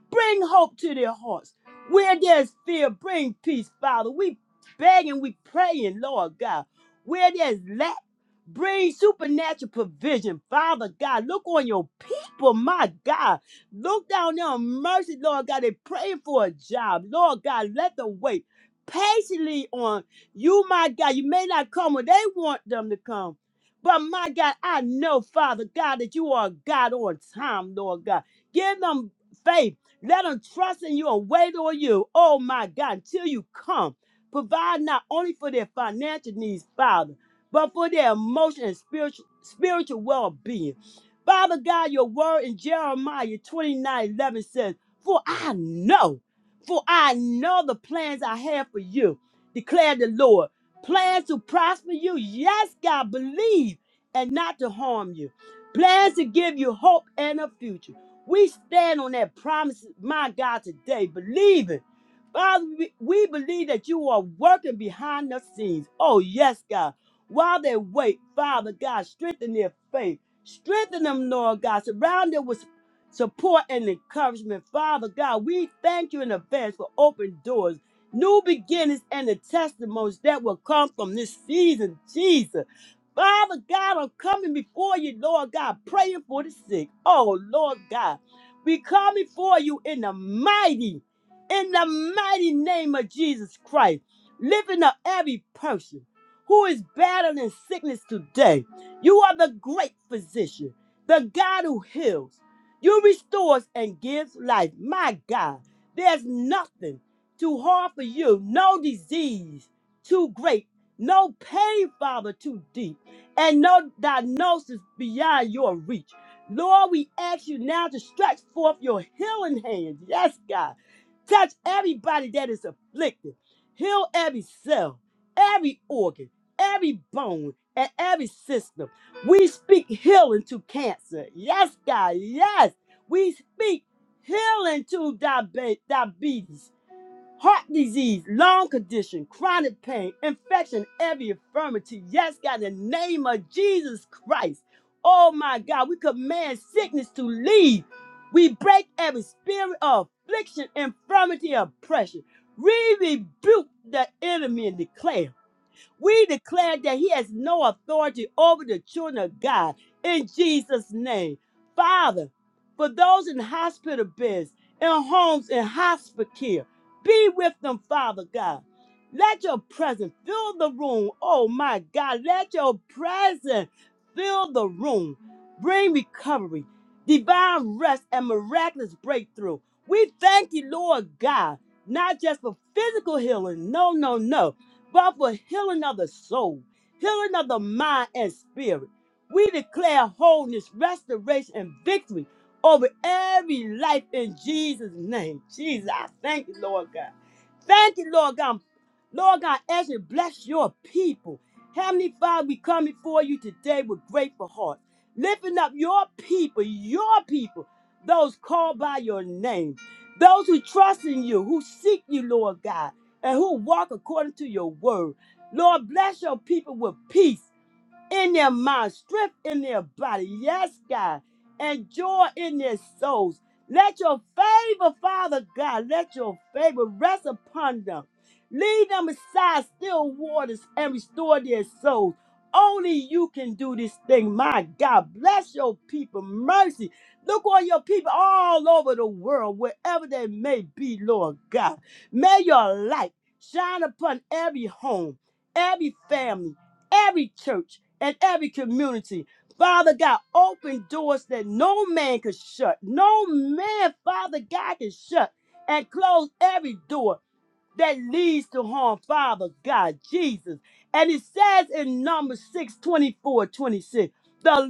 [SPEAKER 1] Bring hope to their hearts. Where there's fear, bring peace, Father. We begging, we praying, Lord God. Where there's lack, bring supernatural provision, Father God. Look on your people, my God. Look down there on mercy, Lord God. They praying for a job, Lord God. Let them wait patiently on you, my God. You may not come when they want them to come. But my God, I know, Father God, that you are a God on time, Lord God. Give them faith let them trust in you and wait on you. Oh my God, until you come. Provide not only for their financial needs, Father, but for their emotional and spiritual, spiritual well being. Father God, your word in Jeremiah 29 11 says, For I know, for I know the plans I have for you, declared the Lord. Plans to prosper you, yes, God, believe, and not to harm you. Plans to give you hope and a future. We stand on that promise, my God, today, believing. Father, we we believe that you are working behind the scenes. Oh, yes, God. While they wait, Father God, strengthen their faith. Strengthen them, Lord God. Surround them with support and encouragement. Father God, we thank you in advance for open doors, new beginnings, and the testimonies that will come from this season, Jesus. Father God, I'm coming before you, Lord God, praying for the sick. Oh, Lord God, we come before you in the mighty, in the mighty name of Jesus Christ, lifting up every person who is battling sickness today. You are the great physician, the God who heals. You restores and gives life. My God, there's nothing too hard for you, no disease too great, no pain, Father, too deep and no diagnosis beyond your reach. Lord, we ask you now to stretch forth your healing hand. Yes, God. Touch everybody that is afflicted. Heal every cell, every organ, every bone, and every system. We speak healing to cancer. Yes, God. Yes. We speak healing to diabe- diabetes heart disease, lung condition, chronic pain, infection, every infirmity. Yes, God, in the name of Jesus Christ. Oh my God, we command sickness to leave. We break every spirit of affliction, infirmity, oppression. We rebuke the enemy and declare. We declare that he has no authority over the children of God in Jesus' name. Father, for those in hospital beds, in homes, in hospice care, be with them, Father God. Let your presence fill the room. Oh my God, let your presence fill the room. Bring recovery, divine rest, and miraculous breakthrough. We thank you, Lord God, not just for physical healing. No, no, no but for healing of the soul, healing of the mind and spirit. We declare wholeness, restoration, and victory over every life in Jesus' name. Jesus, I thank you, Lord God. Thank you, Lord God. Lord God, as you bless your people. Heavenly Father, we come before you today with grateful hearts, lifting up your people, your people, those called by your name, those who trust in you, who seek you, Lord God and who walk according to your word. Lord, bless your people with peace in their mind, strength in their body. Yes, God. And joy in their souls. Let your favor, Father God, let your favor rest upon them. Lead them beside still waters and restore their souls. Only you can do this thing, my God. Bless your people. Mercy. Look on your people all over the world, wherever they may be, Lord God. May your light shine upon every home, every family every church and every community. Father God, open doors that no man could shut. No man, Father God, can shut and close every door that leads to harm, Father God, Jesus. And it says in Numbers 6 24 26,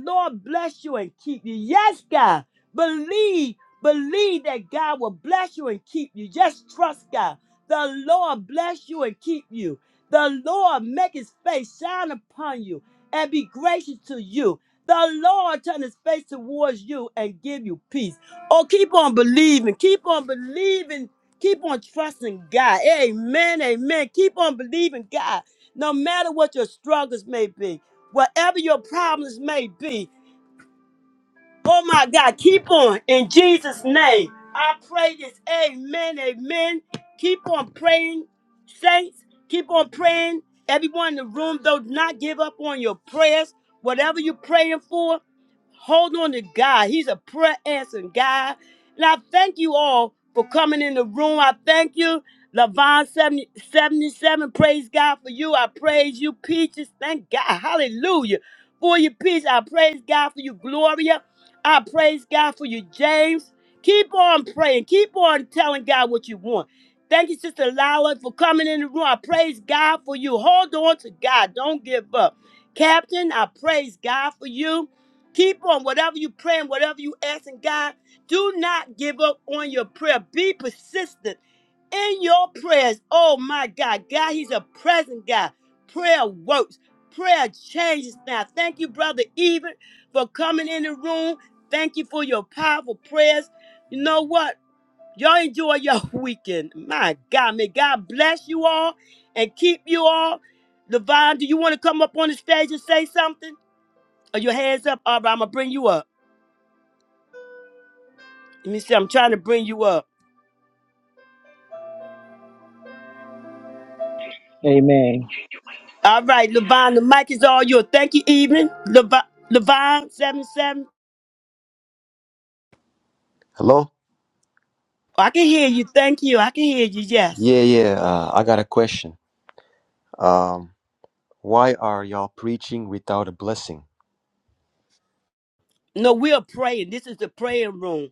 [SPEAKER 1] the Lord bless you and keep you. Yes, God, believe, believe that God will bless you and keep you. Just trust God. The Lord bless you and keep you. The Lord make his face shine upon you and be gracious to you. The Lord turn his face towards you and give you peace. Oh, keep on believing. Keep on believing Keep on trusting God. Amen. Amen. Keep on believing God. No matter what your struggles may be, whatever your problems may be, Oh my God, keep on in Jesus' name. I pray this. Amen. Amen. Keep on praying, saints. Keep on praying. Everyone in the room, though, do not give up on your prayers. Whatever you're praying for, hold on to God. He's a prayer answering God. And I thank you all for coming in the room. I thank you, Levon 70, 77. Praise God for you. I praise you, Peaches. Thank God. Hallelujah. For your peace, I praise God for you, Gloria. I praise God for you, James. Keep on praying. Keep on telling God what you want. Thank you, Sister Lala, for coming in the room. I praise God for you. Hold on to God. Don't give up. Captain, I praise God for you. Keep on whatever you praying, whatever you asking God. Do not give up on your prayer. Be persistent in your prayers. Oh my God. God, He's a present God. Prayer works, prayer changes now. Thank you, Brother Even, for coming in the room. Thank you for your powerful prayers. You know what? Y'all enjoy your weekend. My God, may God bless you all and keep you all. Levon, do you want to come up on the stage and say something? Are your hands up? All right, I'm going to bring you up. Let me see. I'm trying to bring you up.
[SPEAKER 4] Amen.
[SPEAKER 1] All right, Levon, the mic is all yours. Thank you, Evelyn. Levi- Levon, 77.
[SPEAKER 5] Hello?
[SPEAKER 1] Oh, I can hear you. Thank you. I can hear you. Yes.
[SPEAKER 5] Yeah, yeah, uh, I got a question. Um, why are y'all preaching without a blessing?
[SPEAKER 1] No, we are praying. This is the praying room.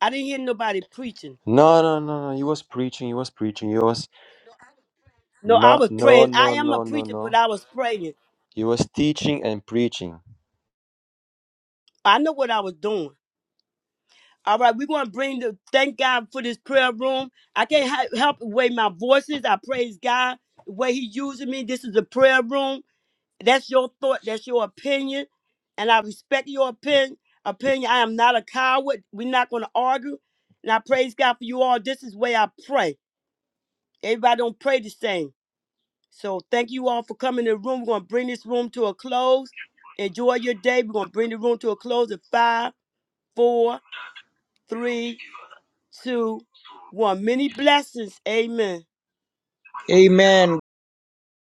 [SPEAKER 1] I didn't hear nobody preaching.
[SPEAKER 5] No, no, no, no. He was preaching, he was preaching, he was
[SPEAKER 1] No, I
[SPEAKER 5] not,
[SPEAKER 1] was
[SPEAKER 5] no,
[SPEAKER 1] praying. I
[SPEAKER 5] no,
[SPEAKER 1] am a
[SPEAKER 5] no, no,
[SPEAKER 1] preacher, but
[SPEAKER 5] no.
[SPEAKER 1] I was praying.
[SPEAKER 5] He was teaching and preaching.
[SPEAKER 1] I know what I was doing. All right, we're going to bring the thank God for this prayer room. I can't ha- help the way my voice is. I praise God the way He using me. This is a prayer room. That's your thought. That's your opinion. And I respect your opinion. Opinion. I am not a coward. We're not going to argue. And I praise God for you all. This is the way I pray. Everybody don't pray the same. So thank you all for coming to the room. We're going to bring this room to a close. Enjoy your day. We're going to bring the room to a close at five, four, three, two, one. Many blessings. Amen.
[SPEAKER 4] amen